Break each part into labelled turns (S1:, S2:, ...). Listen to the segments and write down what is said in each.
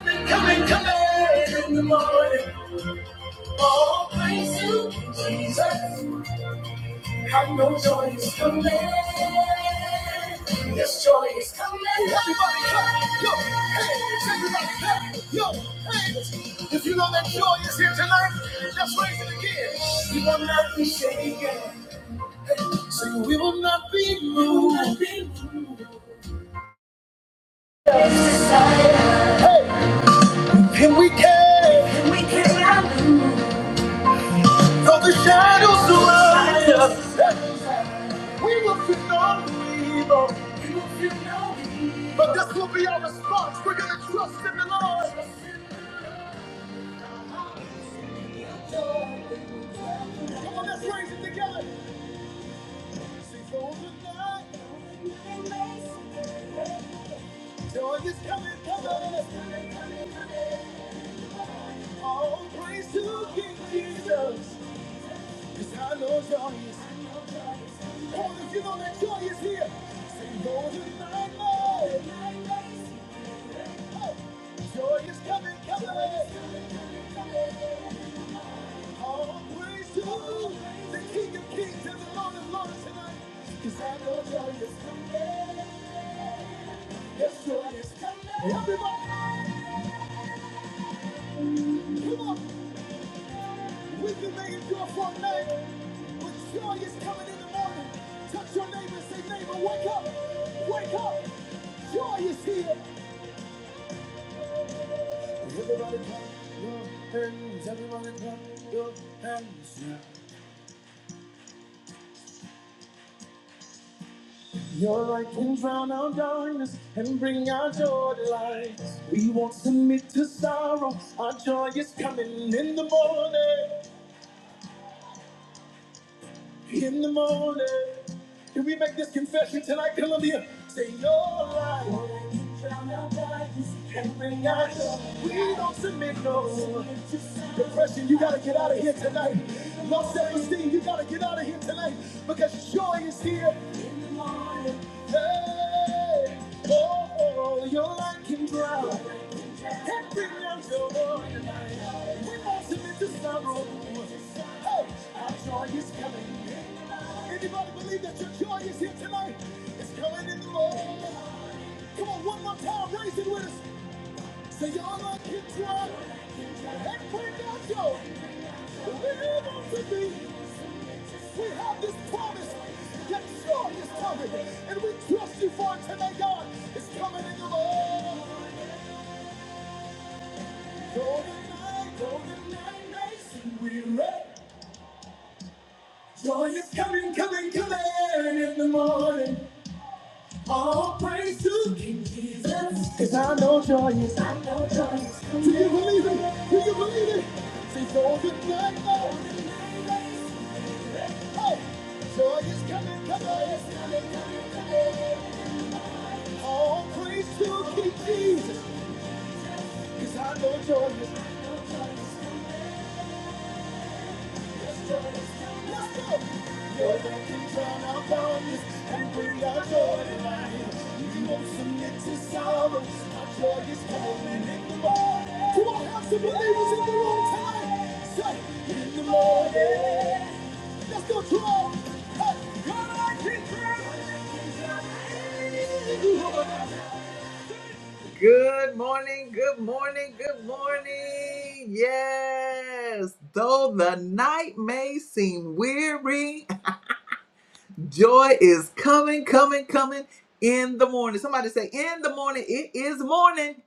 S1: Come and come in in the morning. All praise to Jesus. I know joy is coming. Yes, joy is coming. Everybody clap. Yo, hands, everybody clap. Yo, hands. If you know that joy is here tonight, let's raise it again. We will not be shaken. Hey, Say we will not be moved. We will not be moved. Hey, and we can. And we can. Though the shadows surround us, we will feel no evil. We will feel no evil. But this will be our response. We're going to trust in the Lord. Come on, let's raise it together. Sing for the night. Joy is coming, coming. coming, coming. All praise to King Jesus. Cause I know joy is here. Oh, if you know that joy is here, say, Lord, unite my days. Hey, Joy is coming, coming. All praise to the King of Kings and the Lord of Lords tonight. Cause I know joy is coming. Yes, joy is coming. Everybody, come on. We can make it your for a night. but joy is coming in the morning. Touch your neighbor and say, neighbor, wake up, wake up. Joy is here. Look and see. Your light can drown out darkness and bring our joy to light. We won't submit to sorrow. Our joy is coming in the morning. in the morning. Can we make this confession tonight, Columbia? Say your light can bring out joy. We don't submit no depression. You gotta get out of here tonight. Low self-esteem. You gotta get out of here tonight because joy is here. Hey, oh, your light can drown. Acting as your Lord and I. He wants him into sorrow. Hey, our joy is coming. Anybody believe that your joy is here tonight? It's coming in the Lord. Come on, one more time, raise it with us. Say, y'all are keep trying and bring our joy. We want to be. We have this promise that joy is coming. And we trust you for it today, God. It's coming in the Lord. Golden night, golden night, nights, we rest. Joy is coming, coming, coming in the morning. All praise to King Jesus. Cause I know joy is. I know joy is. coming. Do you believe it? Do you believe it? Say, so good night, Lord. Hey, joy is coming, coming. coming, coming, coming. All praise to King Jesus. Cause I know joy is. Come on, have some believers in the room tonight. in the morning. Let's go, come on. Hey, God, I can Good morning, good morning, good morning. Yes, though the night may seem weary, joy is coming, coming, coming in the morning. Somebody say, In the morning, it is morning.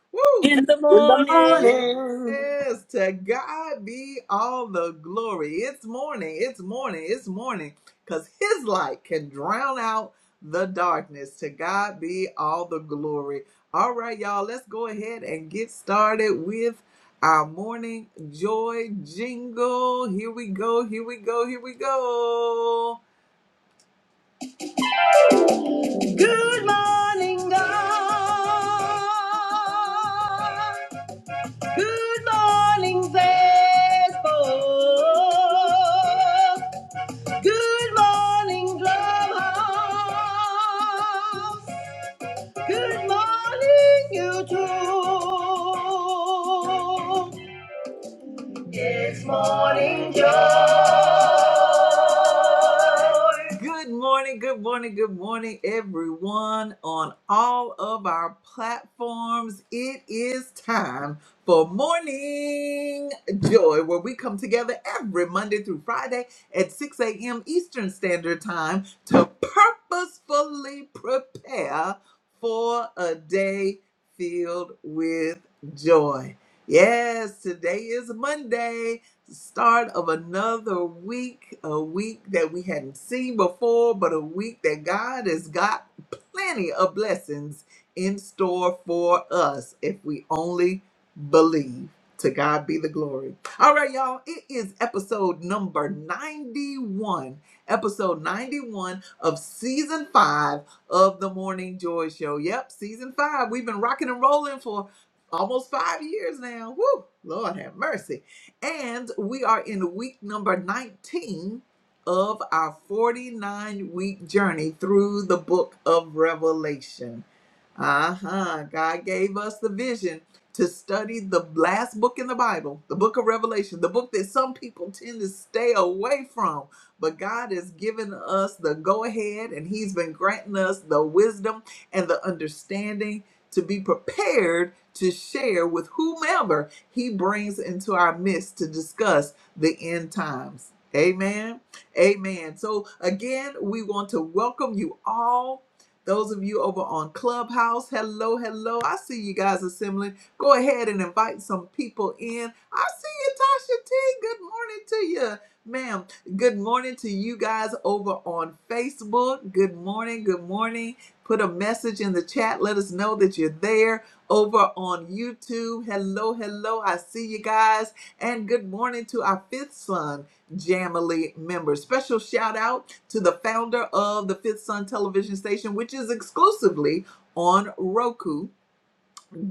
S1: Woo,
S2: in the
S3: In the
S2: morning.
S3: morning,
S1: Yes, to God be all the glory. It's morning, it's morning, it's morning, because His light can drown out the darkness. To God be all the glory. All right, y'all, let's go ahead and get started with our morning joy jingle. Here we go, here we go, here we go. Good morning. Good morning, Facebook. Good morning, Clubhouse. Good morning, YouTube. Good morning, good morning, good morning, everyone on all of our platforms. It is time for Morning Joy, where we come together every Monday through Friday at 6 a.m. Eastern Standard Time to purposefully prepare for a day filled with joy. Yes, today is Monday the start of another week, a week that we hadn't seen before, but a week that God has got plenty of blessings in store for us if we only believe. To God be the glory. All right, y'all, it is episode number 91. Episode 91 of season five of the Morning Joy Show. Yep, season five. We've been rocking and rolling for almost five years now. Woo, Lord have mercy. And we are in week number 19 of our 49 week journey through the book of Revelation. Uh-huh. God gave us the vision to study the last book in the Bible, the book of Revelation, the book that some people tend to stay away from. But God has given us the go ahead and He's been granting us the wisdom and the understanding to be prepared to share with whomever He brings into our midst to discuss the end times. Amen. Amen. So, again, we want to welcome you all those of you over on Clubhouse, hello, hello. I see you guys assembling. Go ahead and invite some people in. I see you, Tasha T. Good morning to you, ma'am. Good morning to you guys over on Facebook. Good morning, good morning. Put a message in the chat. Let us know that you're there over on YouTube. Hello, hello. I see you guys. And good morning to our fifth son, Jamily members. Special shout out to the founder of the Fifth Sun television station, which is exclusively on Roku.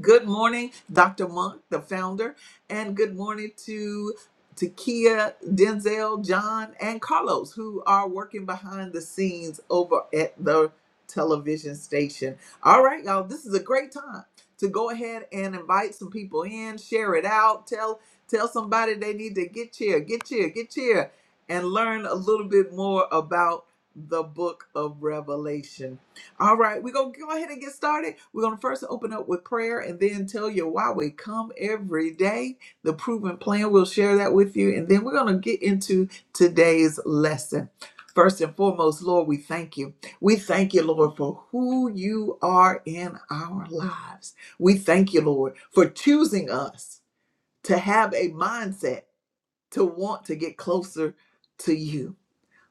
S1: Good morning, Dr. Monk, the founder, and good morning to Takia, Denzel, John, and Carlos, who are working behind the scenes over at the television station. All right, y'all, this is a great time to go ahead and invite some people in, share it out, tell tell somebody they need to get here, get here, get here, and learn a little bit more about the book of Revelation. All right, we're going to go ahead and get started. We're going to first open up with prayer and then tell you why we come every day. The proven plan, we'll share that with you. And then we're going to get into today's lesson. First and foremost, Lord, we thank you. We thank you, Lord, for who you are in our lives. We thank you, Lord, for choosing us to have a mindset to want to get closer to you.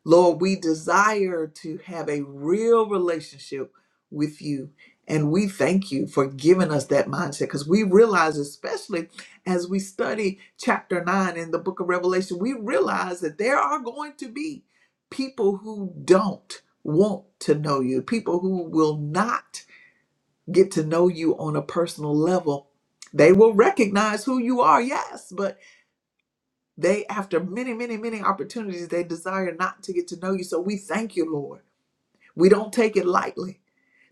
S1: Lord, we desire to have a real relationship with you. And we thank you for giving us that mindset because we realize, especially as we study chapter nine in the book of Revelation, we realize that there are going to be people who don't want to know you, people who will not get to know you on a personal level. They will recognize who you are, yes, but. They, after many, many, many opportunities, they desire not to get to know you. So we thank you, Lord. We don't take it lightly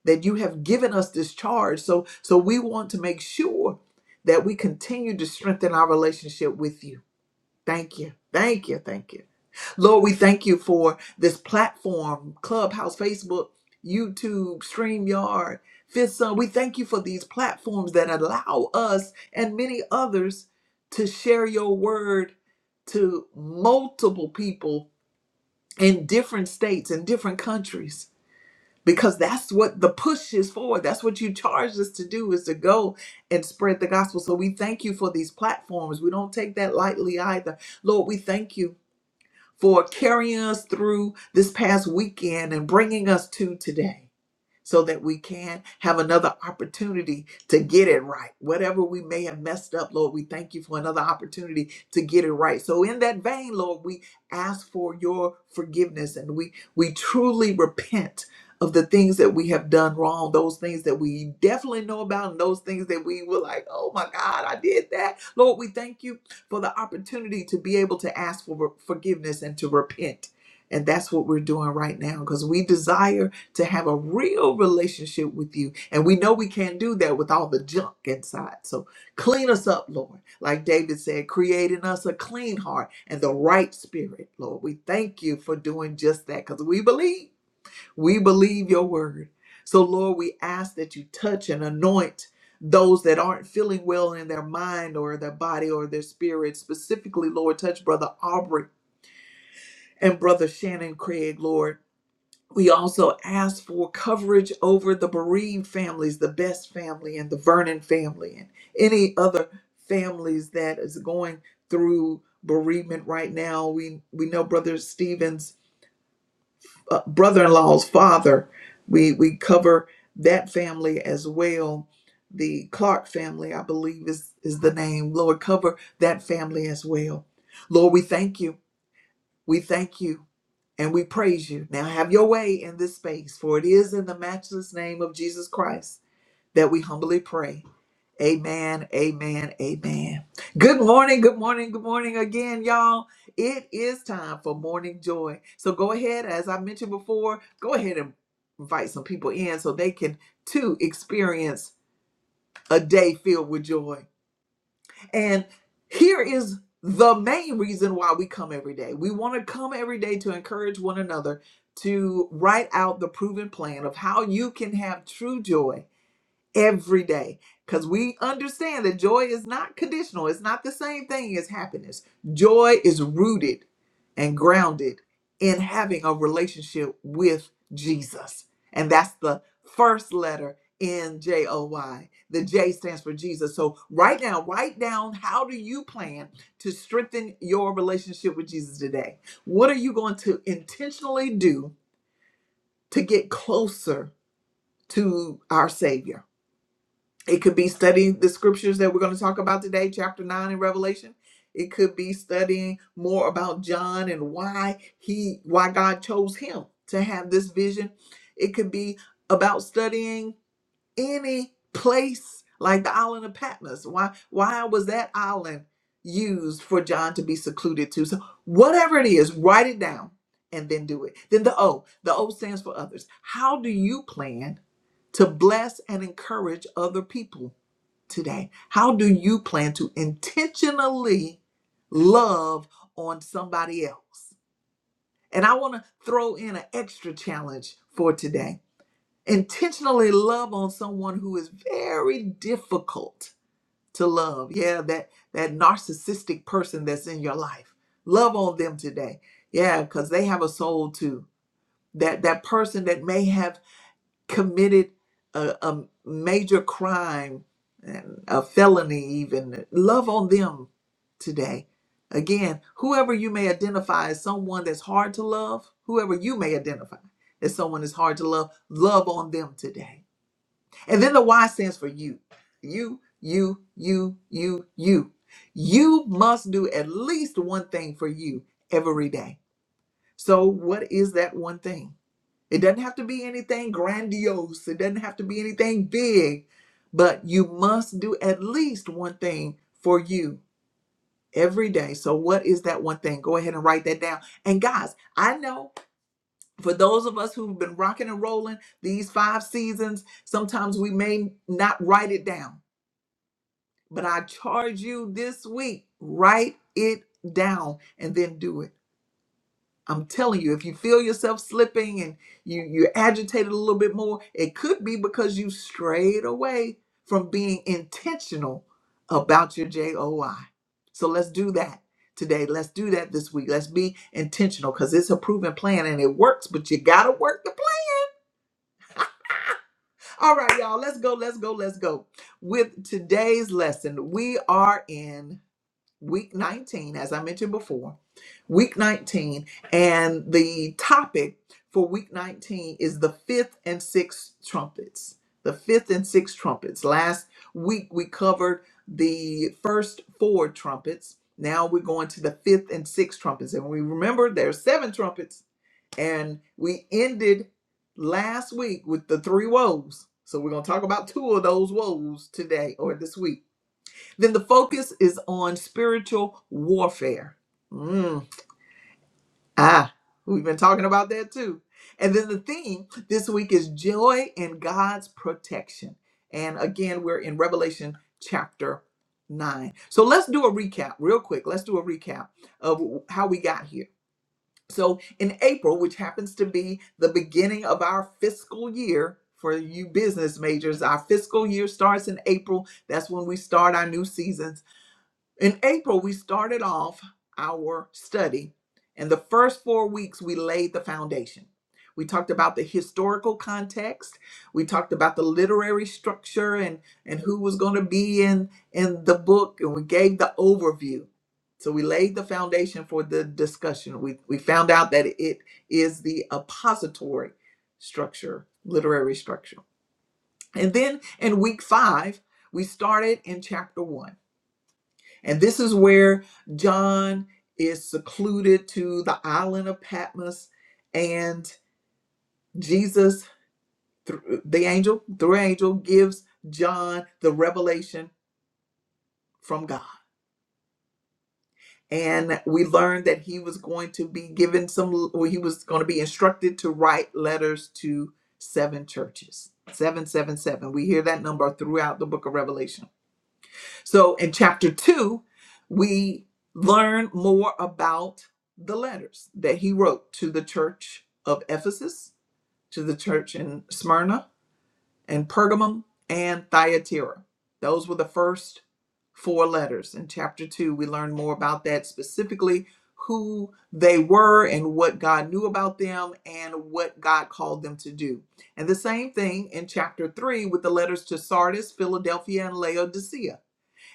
S1: that you have given us this charge. So, so we want to make sure that we continue to strengthen our relationship with you. Thank you. Thank you. Thank you. Lord, we thank you for this platform, Clubhouse, Facebook, YouTube, StreamYard, Fifth Sun. We thank you for these platforms that allow us and many others to share your word to multiple people in different states and different countries because that's what the push is for that's what you charged us to do is to go and spread the gospel so we thank you for these platforms we don't take that lightly either lord we thank you for carrying us through this past weekend and bringing us to today so that we can have another opportunity to get it right. Whatever we may have messed up, Lord, we thank you for another opportunity to get it right. So in that vein, Lord, we ask for your forgiveness and we we truly repent of the things that we have done wrong, those things that we definitely know about, and those things that we were like, oh my God, I did that. Lord, we thank you for the opportunity to be able to ask for forgiveness and to repent. And that's what we're doing right now because we desire to have a real relationship with you. And we know we can't do that with all the junk inside. So clean us up, Lord. Like David said, create in us a clean heart and the right spirit, Lord. We thank you for doing just that because we believe. We believe your word. So, Lord, we ask that you touch and anoint those that aren't feeling well in their mind or their body or their spirit. Specifically, Lord, touch Brother Aubrey and Brother Shannon Craig, Lord we also ask for coverage over the bereaved families, the Best family and the Vernon family, and any other families that is going through bereavement right now. We we know Brother Stephen's uh, brother-in-law's father. We we cover that family as well. The Clark family, I believe, is is the name. Lord, cover that family as well. Lord, we thank you. We thank you and we praise you. Now have your way in this space, for it is in the matchless name of Jesus Christ that we humbly pray. Amen, amen, amen. Good morning, good morning, good morning again, y'all. It is time for morning joy. So go ahead, as I mentioned before, go ahead and invite some people in so they can too experience a day filled with joy. And here is the main reason why we come every day. We want to come every day to encourage one another to write out the proven plan of how you can have true joy every day because we understand that joy is not conditional. It's not the same thing as happiness. Joy is rooted and grounded in having a relationship with Jesus. And that's the first letter in J O Y. The J stands for Jesus. So right now, write down how do you plan to strengthen your relationship with Jesus today? What are you going to intentionally do to get closer to our Savior? It could be studying the scriptures that we're going to talk about today, chapter 9 in Revelation. It could be studying more about John and why he why God chose him to have this vision. It could be about studying any place like the island of Patmos. Why why was that island used for John to be secluded to? So whatever it is, write it down and then do it. Then the O, the O stands for others. How do you plan to bless and encourage other people? today? How do you plan to intentionally love on somebody else? And I want to throw in an extra challenge for today. Intentionally love on someone who is very difficult to love. Yeah, that that narcissistic person that's in your life. Love on them today. Yeah, cuz they have a soul too. That that person that may have committed a, a major crime and a felony even love on them today again whoever you may identify as someone that's hard to love whoever you may identify as someone that's hard to love love on them today and then the y stands for you you you you you you you must do at least one thing for you every day so what is that one thing it doesn't have to be anything grandiose. It doesn't have to be anything big, but you must do at least one thing for you every day. So, what is that one thing? Go ahead and write that down. And, guys, I know for those of us who've been rocking and rolling these five seasons, sometimes we may not write it down, but I charge you this week, write it down and then do it I'm telling you, if you feel yourself slipping and you you're agitated a little bit more, it could be because you strayed away from being intentional about your JOI. So let's do that today. Let's do that this week. Let's be intentional because it's a proven plan and it works, but you gotta work the plan. All right, y'all, let's go, let's go, let's go. With today's lesson, we are in week 19, as I mentioned before, week 19. And the topic for week 19 is the fifth and sixth trumpets. The fifth and sixth trumpets. Last week we covered the first four trumpets. Now we're going to the fifth and sixth trumpets. And we remember there's seven trumpets. And we ended last week with the three woes. So we're going to talk about two of those woes today or this week then the focus is on spiritual warfare. Mm, Ah, we've been talking about that too. And then the theme this week is joy in God's protection. And again, we're in Revelation chapter 9. So let's do a recap real quick. Let's do a recap of how we got here. So in April, which happens to be the beginning of our fiscal year for you business majors, our fiscal year starts in April. That's when we start our new seasons. In April, we started off our study, and the first four weeks, we laid the foundation. We talked about the historical context. We talked about the literary structure and, and who was going to be in, in the book, and we gave the overview. So we laid the foundation for the discussion. We, we found out that it is the oppository structure, literary structure. And then in week five, we started in chapter one and this is where John is secluded to the island of Patmos, and Jesus, through the angel, through angel, gives John the revelation from God. And we learned that he was going to be given some, or he was going to be instructed to write letters to seven churches. 777. We hear that number throughout the book of Revelation So in chapter two, we learn more about the letters that he wrote to the church of Ephesus, to the church in Smyrna and Pergamum and Thyatira. Those were the first four letters. In chapter two, we learn more about that specifically who they were and what God knew about them and what God called them to do. And the same thing in chapter three with the letters to Sardis, Philadelphia, and Laodicea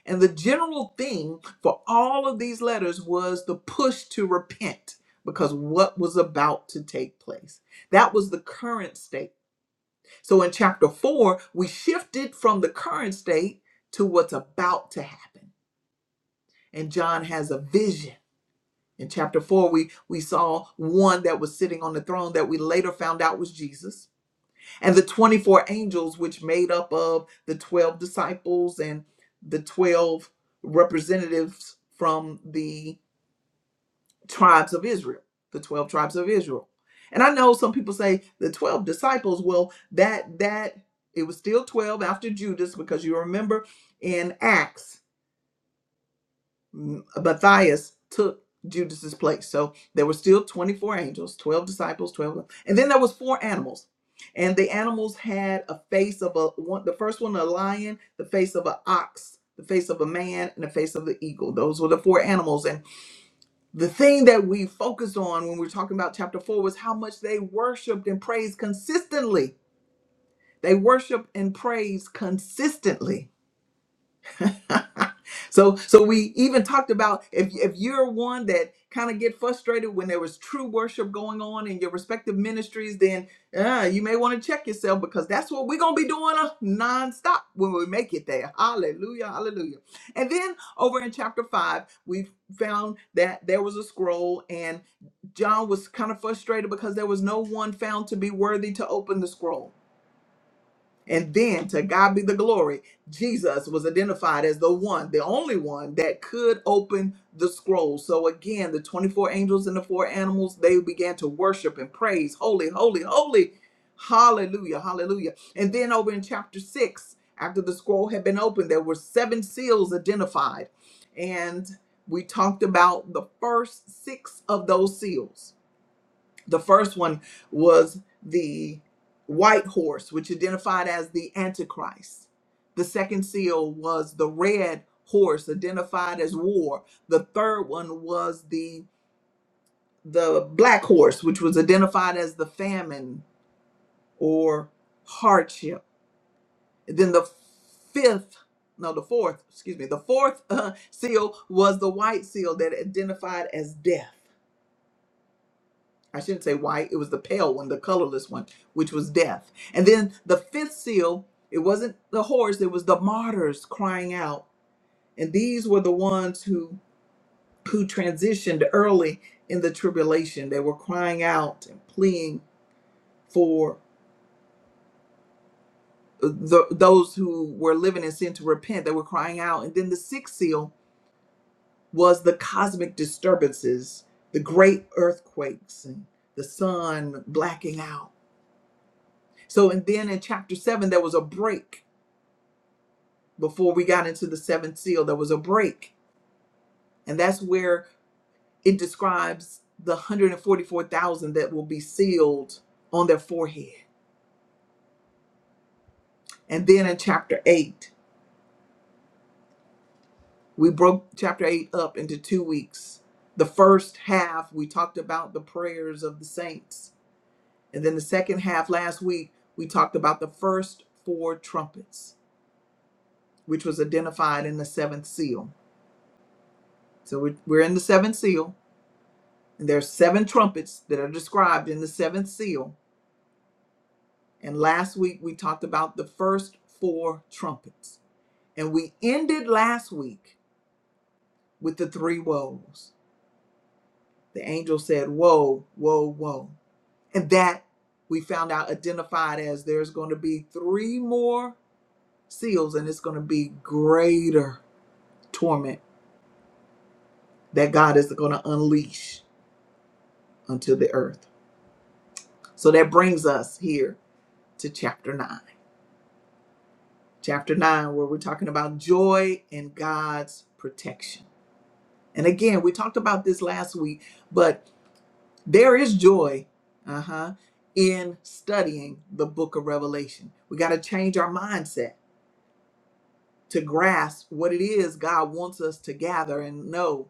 S1: and the general theme for all of these letters was the push to repent because what was about to take place. That was the current state. So in chapter four, we shifted from the current state to what's about to happen. And John has a vision. In chapter four, we, we saw one that was sitting on the throne that we later found out was Jesus and the 24 angels which made up of the 12 disciples and the 12 representatives from the tribes of Israel the 12 tribes of Israel and i know some people say the 12 disciples well that that it was still 12 after Judas because you remember in acts M- Matthias took Judas's place. So there were still 24 angels, 12 disciples, 12. And then there was four animals. And the animals had a face of a one the first one a lion, the face of an ox, the face of a man, and the face of the eagle. Those were the four animals. And the thing that we focused on when we were talking about chapter 4 was how much they worshiped and praised consistently. They worshiped and praised consistently so so we even talked about if if you're one that kind of get frustrated when there was true worship going on in your respective ministries then uh, you may want to check yourself because that's what we're going to be doing uh, nonstop when we make it there hallelujah hallelujah and then over in chapter 5 we found that there was a scroll and john was kind of frustrated because there was no one found to be worthy to open the scroll and then to God be the glory, Jesus was identified as the one, the only one that could open the scroll. So again, the 24 angels and the four animals, they began to worship and praise, holy, holy, holy. Hallelujah, hallelujah. And then over in chapter 6, after the scroll had been opened, there were seven seals identified. And we talked about the first six of those seals the first one was the white horse, which identified as the Antichrist. The second seal was the red horse, identified as war. The third one was the the black horse, which was identified as the famine or hardship. Then the fifth, no, the fourth, excuse me, the fourth uh, seal was the white seal that identified as death. I shouldn't say white, it was the pale one, the colorless one, which was death. And then the fifth seal, it wasn't the horse, it was the martyrs crying out. And these were the ones who who transitioned early in the tribulation. They were crying out and pleading for the, those who were living in sin to repent. They were crying out. And then the sixth seal was the cosmic disturbances, the great earthquakes and the sun blacking out So, and then in chapter seven, there was a break before we got into the seventh seal. There was a break. And that's where it describes the 144,000 that will be sealed on their forehead. And then in chapter eight, we broke chapter eight up into two weeks. The first half, we talked about the prayers of the saints. And then the second half, last week, we talked about the first four trumpets, which was identified in the seventh seal. So we're, we're in the seventh seal There are seven trumpets that are described in the seventh seal. And last week we talked about the first four trumpets. And we ended last week with the three woes. The angel said, Woe, woe, woe. And that we found out identified as there's going to be three more seals, and it's going to be greater torment that God is going to unleash unto the earth. So that brings us here to chapter 9. chapter 9, where we're talking about joy and God's protection. And again, we talked about this last week, but there is joy, uh huh, in studying the book of Revelation. We got to change our mindset to grasp what it is God wants us to gather and know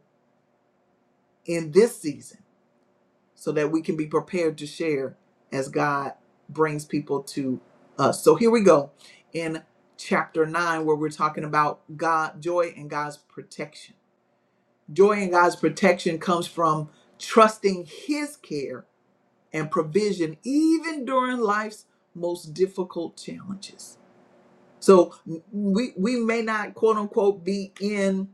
S1: in this season so that we can be prepared to share as God brings people to us. So here we go in chapter 9 where we're talking about God joy and God's protection. Joy in God's protection comes from trusting His care and provision, even during life's most difficult challenges. So we we may not quote unquote be in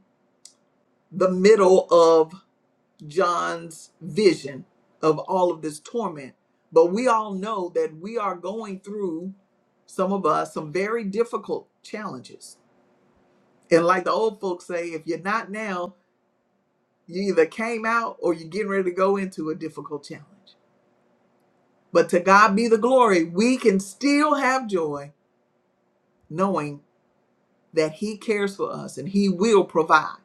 S1: the middle of John's vision of all of this torment, but we all know that we are going through some of us some very difficult challenges. And like the old folks say, if you're not now, You either came out or you're getting ready to go into a difficult challenge. But to God be the glory, we can still have joy knowing that He cares for us and He will provide.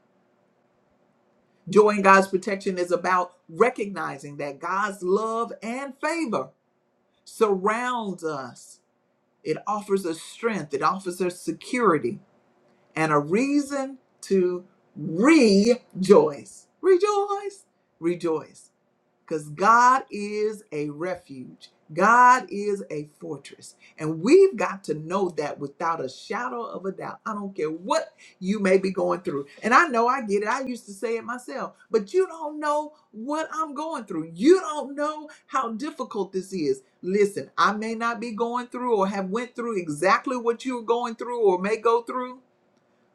S1: Joy in God's protection is about recognizing that God's love and favor surrounds us. It offers us strength, it offers us security and a reason to rejoice. Rejoice, rejoice. because God is a refuge. God is a fortress. And we've got to know that without a shadow of a doubt. I don't care what you may be going through. And I know I get it. I used to say it myself, but you don't know what I'm going through. You don't know how difficult this is. Listen, I may not be going through or have went through exactly what you're going through or may go through,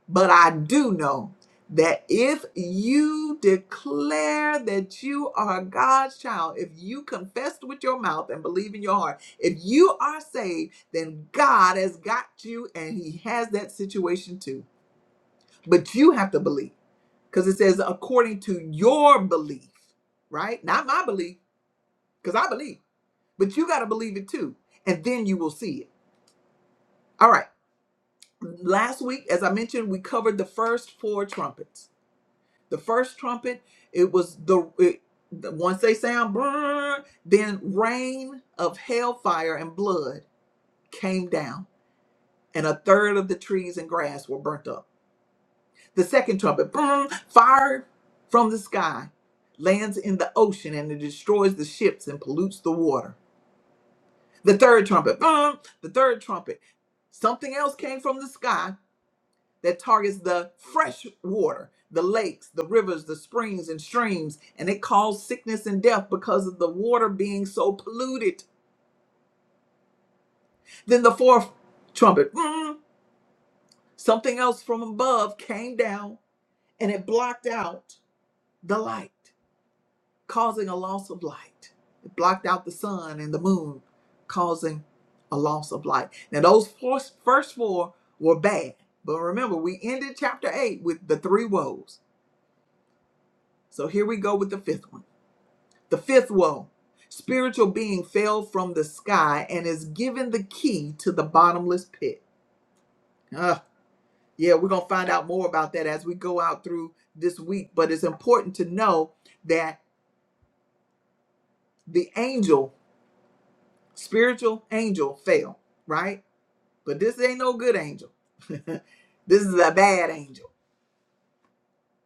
S1: but I do know that if you declare that you are God's child, if you confess with your mouth and believe in your heart, if you are saved, then God has got you and He has that situation too. But you have to believe because it says according to your belief, right? Not my belief because I believe, but you got to believe it too. And then you will see it. All right. Last week, as I mentioned, we covered the first four trumpets The first trumpet, it was the it, the- once they sound brrr, then rain of hellfire and blood came down, and a third of the trees and grass were burnt up. The second trumpet, brrr, fire from the sky lands in the ocean and it destroys the ships and pollutes the water. The third trumpet, brrr, the third trumpet, something else came from the sky that targets the fresh water, the lakes, the rivers, the springs, and streams, and it caused sickness and death because of the water being so polluted. Then the fourth trumpet, mm, something else from above came down and it blocked out the light, causing a loss of light. It blocked out the sun and the moon, causing a loss of light. Now, those four, first four were bad, but remember, we ended chapter eight with the three woes. So here we go with the fifth one The fifth woe spiritual being fell from the sky and is given the key to the bottomless pit. Ah, yeah, we're going to find out more about that as we go out through this week, but it's important to know that the angel, spiritual angel, fell, right? But this ain't no good angel. this is a bad angel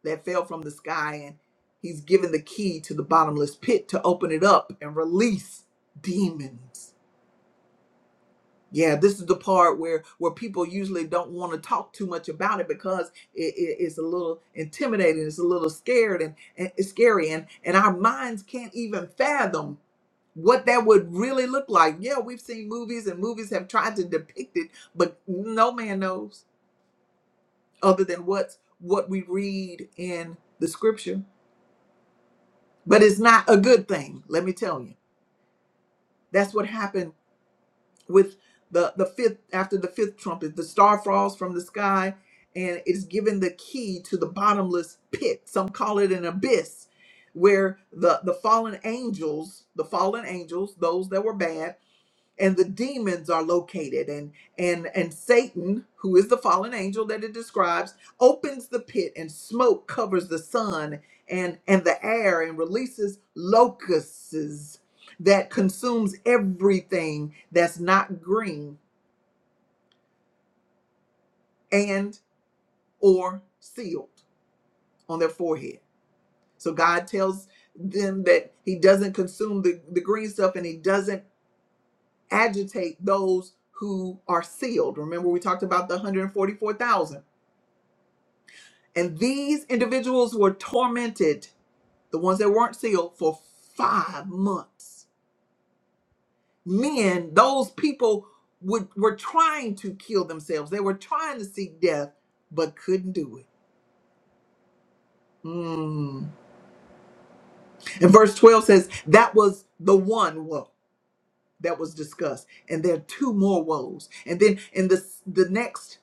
S1: that fell from the sky and he's given the key to the bottomless pit to open it up and release demons Yeah, this is the part where where people usually don't want to talk too much about it because it, it- it's a little intimidating, it's a little scared and, and it's scary, and and our minds can't even fathom what that would really look like. Yeah, we've seen movies and movies have tried to depict it, but no man knows other than what's what we read in the scripture. But it's not a good thing, let me tell you. That's what happened with the the fifth after the fifth trumpet the star falls from the sky and it's given the key to the bottomless pit some call it an abyss where the the fallen angels the fallen angels those that were bad and the demons are located and and and satan who is the fallen angel that it describes opens the pit and smoke covers the sun and and the air and releases locusts that consumes everything that's not green and or sealed on their forehead so god tells them that he doesn't consume the, the green stuff and he doesn't agitate those who are sealed remember we talked about the 144000 And these individuals were tormented, the ones that weren't sealed, for five months. Men, those people would, were trying to kill themselves. They were trying to seek death, but couldn't do it. Mm. And verse 12 says, That was the one woe that was discussed. And there are two more woes. And then in the, the next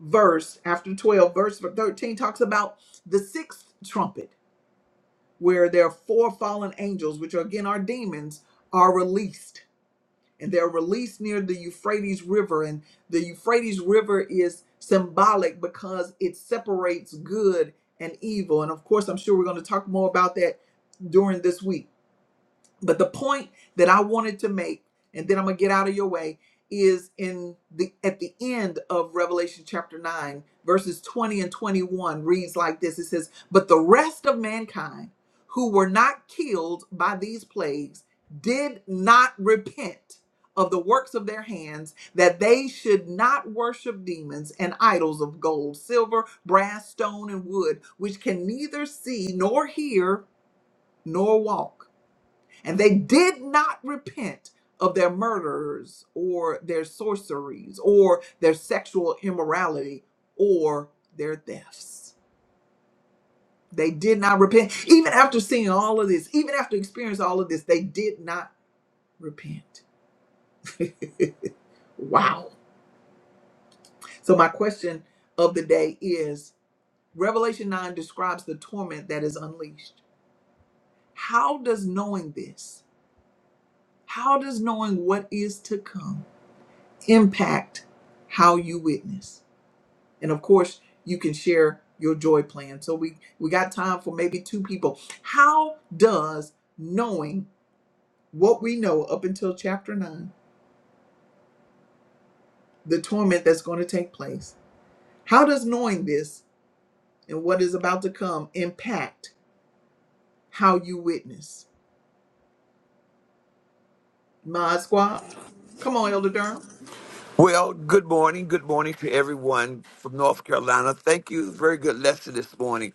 S1: verse, after 12, verse 13, talks about the sixth trumpet where their four fallen angels, which are again our demons, are released. And they're released near the Euphrates River. And the Euphrates River is symbolic because it separates good and evil. And of course, I'm sure we're going to talk more about that during this week. But the point that I wanted to make, and then I'm gonna get out of your way, is in the at the end of Revelation chapter 9, verses 20 and 21 reads like this. It says, But the rest of mankind who were not killed by these plagues did not repent of the works of their hands, that they should not worship demons and idols of gold, silver, brass, stone, and wood, which can neither see nor hear nor walk and they did not repent of their murders or their sorceries or their sexual immorality or their thefts. They did not repent. Even after seeing all of this, even after experiencing all of this, they did not repent. Wow. So, my question of the day is Revelation 9 describes the torment that is unleashed. How does knowing this, how does knowing what is to come impact how you witness? and of course you can share your joy plan so we we got time for maybe two people how does knowing what we know up until chapter 9 the torment that's going to take place how does knowing this and what is about to come impact how you witness my squad come on elder durham
S4: Well, good morning. Good morning to everyone from North Carolina. Thank you. Very good lesson this morning.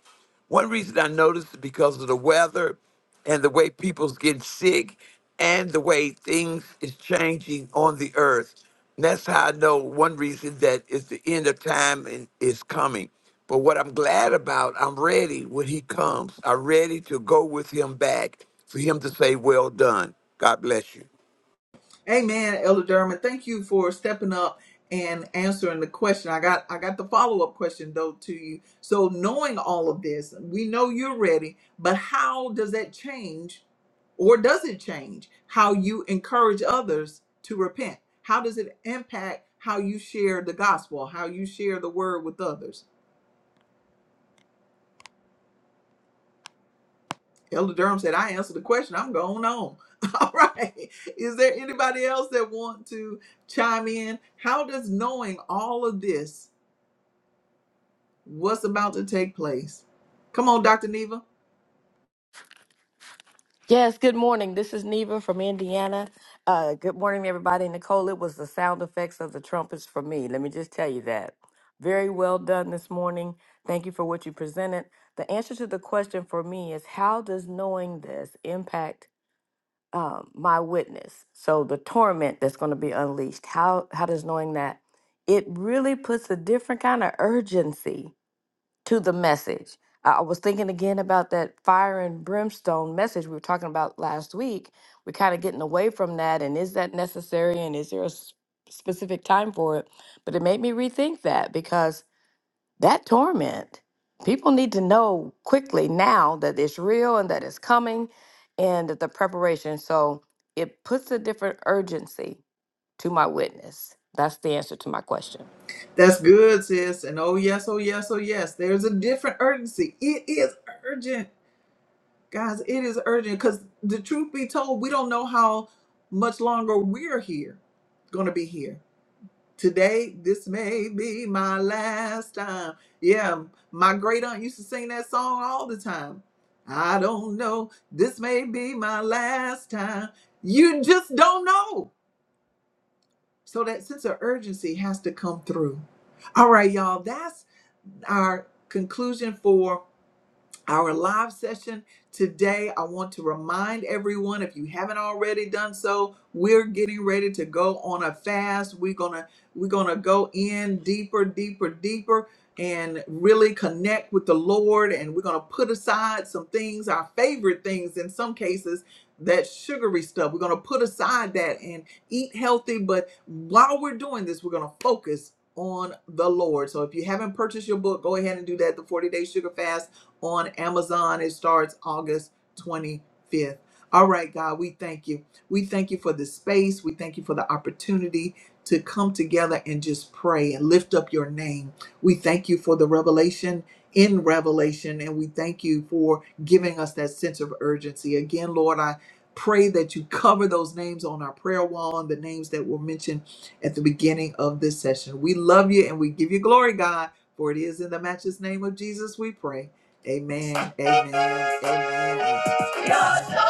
S4: One reason I noticed is because of the weather and the way people's getting sick and the way things is changing on the earth. And that's how I know one reason that is the end of time and is coming. But what I'm glad about, I'm ready when he comes. I'm ready to go with him back for him to say, Well done. God bless you.
S1: Amen, Elder Durham. Thank you for stepping up and answering the question. I got I got the follow up question though to you. So knowing all of this, we know you're ready, but how does that change, or does it change how you encourage others to repent? How does it impact how you share the gospel, how you share the word with others? Elder Durham said, I answered the question. I'm going on. All right. Is there anybody else that want to chime in? How does knowing all of this, what's about to take place? Come on, Dr. Neva.
S5: Yes, good morning. This is Neva from Indiana. Uh, good morning, everybody. Nicole, it was the sound effects of the trumpets for me. Let me just tell you that. Very well done this morning. Thank you for what you presented. The answer to the question for me is how does knowing this impact um, my witness? So the torment that's going to be unleashed. How how does knowing that? It really puts a different kind of urgency to the message. I I was thinking again about that fire and brimstone message we were talking about last week. We're kind of getting away from that, and is that necessary? And is there a s- specific time for it? But it made me rethink that because that torment, people need to know quickly now that it's real and that it's coming and that the preparation. So it puts a different urgency to my witness. That's the answer to my question.
S1: That's good, sis. And oh, yes, oh, yes, oh, yes. There's a different urgency. It is urgent. Guys, it is urgent because the truth be told, we don't know how much longer we're here, going to be here Today, this may be my last time. Yeah, my great aunt used to sing that song all the time. I don't know. This may be my last time. You just don't know. So that sense of urgency has to come through. All right, y'all, that's our conclusion for our live session today. I want to remind everyone if you haven't already done so, we're getting ready to go on a fast. We're going to we're going to go in deeper, deeper, deeper and really connect with the Lord and we're going to put aside some things, our favorite things in some cases, that sugary stuff. We're going to put aside that and eat healthy, but while we're doing this, we're going to focus on the Lord. So if you haven't purchased your book, go ahead and do that, The 40 Day Sugar Fast on Amazon. It starts August 25th. All right, God, we thank you. We thank you for the space. We thank you for the opportunity to come together and just pray and lift up your name. We thank you for the revelation in Revelation, and we thank you for giving us that sense of urgency. Again, Lord, I pray that you cover those names on our prayer wall and the names that were mentioned at the beginning of this session. We love you and we give you glory, God, for it is in the matchless name of Jesus we pray. Amen. Amen. Amen. Your joy,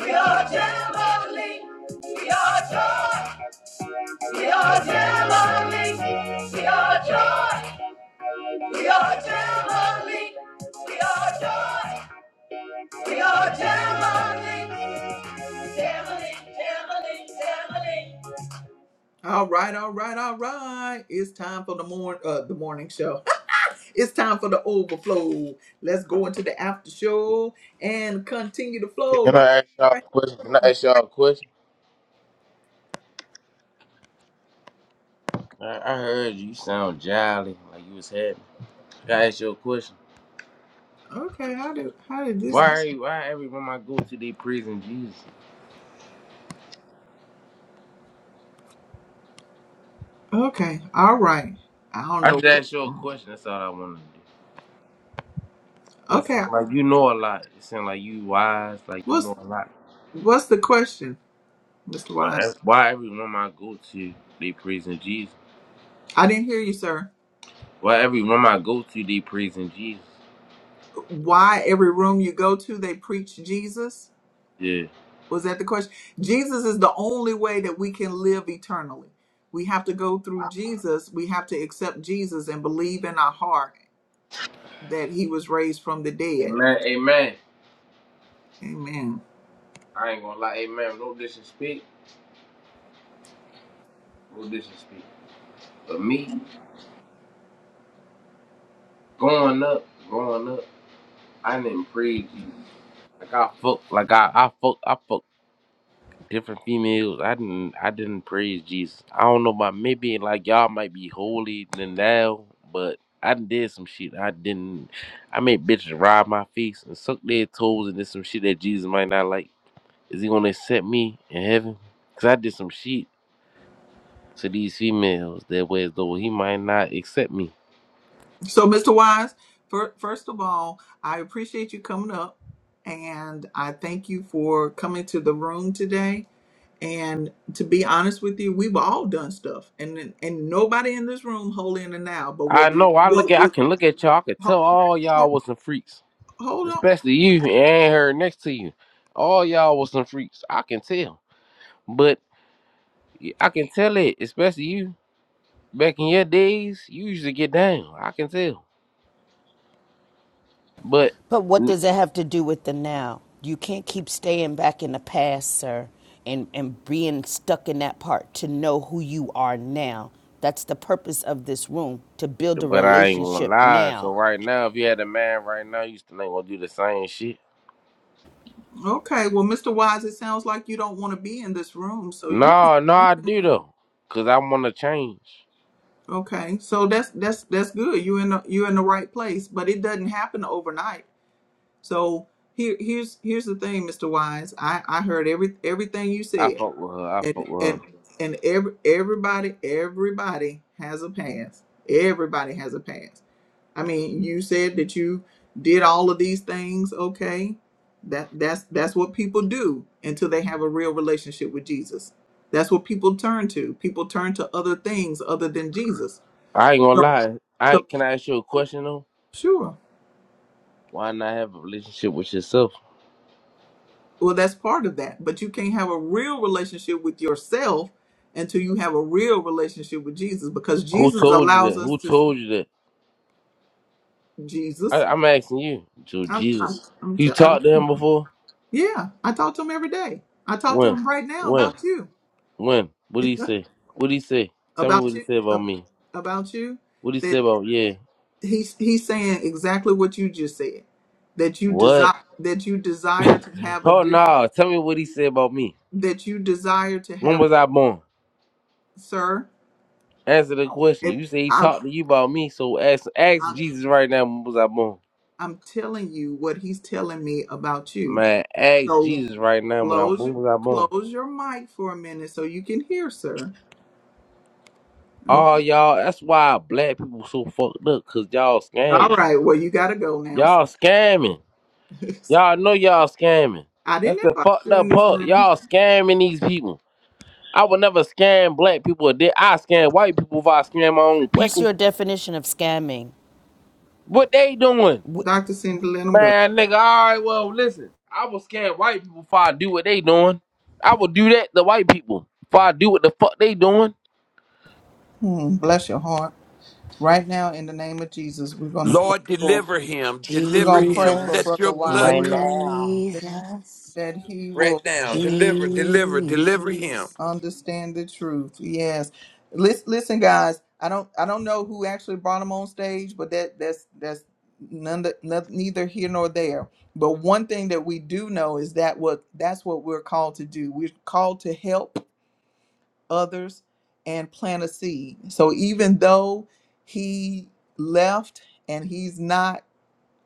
S1: your jubilee. Your joy, your jubilee. Your joy, your jubilee. Your joy, your jubilee. Jubilee, jubilee, jubilee. All right, all right, all right. It's time for the morning, uh, the morning show. It's time for the overflow. Let's go into the after show and continue the flow
S6: Can
S1: right
S6: I ask
S1: here,
S6: y'all
S1: right
S6: a question? Can I ask
S1: here.
S6: y'all a question? I, I heard you sound jolly, like you was happy. Can I ask you a question?
S1: Okay, how did how did this
S6: Why
S1: happen?
S6: are you, why every time I go to the prison, Jesus?
S1: Okay, all right. I don't
S6: I
S1: know
S6: just
S1: what was
S6: asked you a
S1: going on.
S6: question. That's all I wanted to do. Just seem
S1: Okay.
S6: like you know a lot. It sound like you wise, like you
S1: What's
S6: know a lot.
S1: what's the question, Mr. Wise?
S6: Why, why every room I go to the prison, Jesus?
S1: I didn't hear you, sir.
S6: Why every room I go to the prison, Jesus?
S1: Why every room you go to they preach Jesus?
S6: Yeah.
S1: Was that the question? Jesus is the only way that we can live eternally. We have to go through Jesus. We have to accept Jesus and believe in our heart that he was raised from the dead.
S6: Amen, amen.
S1: Amen.
S6: I ain't gonna lie, amen. No disrespect, no disrespect. But me going up, going up. I didn't breed you. Like I fuck, like I, I fuck, I fuck different females. I didn't, I didn't praise Jesus. I don't know about maybe like y'all might be holy than thou, but I done did some shit. I didn't. I made bitches ride my face and suck their toes and did some shit that Jesus might not like. Is he gonna accept me in heaven? Cause I did some shit to these females that way as though he might not accept me.
S1: So, Mr. Wise, fir- first of all, I appreciate you coming up and I thank you for coming to the room today. And to be honest with you, we've all done stuff, and and nobody in this room holy in the now. But
S6: I
S1: what we
S6: know. I look
S1: what
S6: at. I
S1: we
S6: can look at y'all. I can
S1: ho,
S6: tell all y'all
S1: ho-
S6: was some freaks.
S1: hold on,
S6: especially you and her next to you. All y'all was some freaks. I can tell. But I can tell it, especially you. Back in your days, you used to get down. I can tell. But
S7: But what does it have to do with the now? You can't keep staying back in the past, sir, and, and being stuck in that part to know who you are now. That's the purpose of this room to build a
S6: but I ain't gonna
S7: relationship
S6: lie. So
S7: now.
S6: right now, if you had a man right now, you still ain't gonna do the same shit.
S1: okay. Well, Mr. Wise, it sounds like you don't want to be in this room, so you
S6: No, no, I do though. Cause I wanna change.
S1: okay. So that's that's that's good. You in the, you in the right place, but it doesn't happen overnight So here, here's here's the thing, Mr. Wise. I I heard every everything you
S6: I
S1: said,
S6: fuck with her. I
S1: and
S6: fuck with her.
S1: and and every everybody everybody has a past. Everybody has a past. I mean, you said that you did all of these things. Okay, that that's that's what people do until they have a real relationship with Jesus. That's what people turn to. People turn to other things other than Jesus.
S6: I ain't gonna
S1: So,
S6: lie. I
S1: so
S6: can I ask you a question though?
S1: sure.
S6: Why not have a relationship with yourself?
S1: Well, that's part of that. But you can't have a real relationship with yourself until you have a real relationship with Jesus, because
S6: Who
S1: Jesus
S6: told you that?
S1: allows us
S6: Who
S1: to.
S6: told you that? I,
S1: Jesus,
S6: I'm asking you. So
S1: I'm, I'm,
S6: Jesus,
S1: I'm,
S6: you
S1: tell, I'm
S6: talked to him before?
S1: yeah. I talk to him every day. I talk to
S6: When?
S1: him right now
S6: When?
S1: about you,
S6: When? What did he say? What did he say? Tell me what
S1: about
S6: he
S1: you,
S6: said about
S1: ab-
S6: me.
S1: about you.
S6: What he said
S1: That
S6: about yeah?
S1: he's he's saying exactly what you just said. That you
S6: What?
S1: desire that you desire to have a
S6: Oh
S1: different.
S6: no! Tell me what he said about me.
S1: That you desire to
S6: When
S1: have,
S6: was I born?
S1: sir.
S6: Answer the question.
S1: If
S6: You say he
S1: i
S6: talked to you about me, so ask ask Jesus right now. When was I born?
S1: I'm telling you what he's telling me about you.
S6: Man, ask
S1: So
S6: Jesus right now. When I
S1: close
S6: when was I born?
S1: close your mic for a minute so you can hear, sir. Okay.
S6: Oh y'all, that's why black people so fucked up, cause y'all
S1: All
S6: scamming.
S1: right. Well, you got to go now.
S6: Y'all scamming. Y'all know y'all scamming.
S1: I
S6: That's
S1: didn't
S6: the
S1: invite
S6: fucked
S1: you in
S6: up
S1: this
S6: part.
S1: room.
S6: Y'all scamming these people. I would never scam black people. Did I scam white people if I scam my own
S7: What's
S6: people?
S7: your definition of scamming?
S6: What they doing?
S7: Wh-
S1: Dr. Cindy, let him go.
S6: Man, nigga, alright, well, listen. I will scam white people if I do what they doing. I will do that to white people if I do what the fuck they doing.
S1: Hmm, bless your heart. Right now, in the name of Jesus, we're going to pray
S4: Lord,
S1: for,
S4: deliver him,
S1: we're
S4: deliver
S1: going to pray
S4: him.
S1: for
S8: Jesus,
S4: Let
S1: Brother
S4: your
S1: Wise
S2: Right
S4: blood come
S2: now.
S1: that,
S8: Jesus,
S1: that he will
S4: right now. Deliver, deliver, deliver him.
S8: Jesus.
S1: understand the truth. Yes. Listen, listen, guys. I don't, I don't know who actually brought him on stage, but that, that's, that's none, the- noth- neither here nor there. But one thing that we do know is that what, that's what we're called to do. We're called to help others and plant a seed. So even though he left and he's not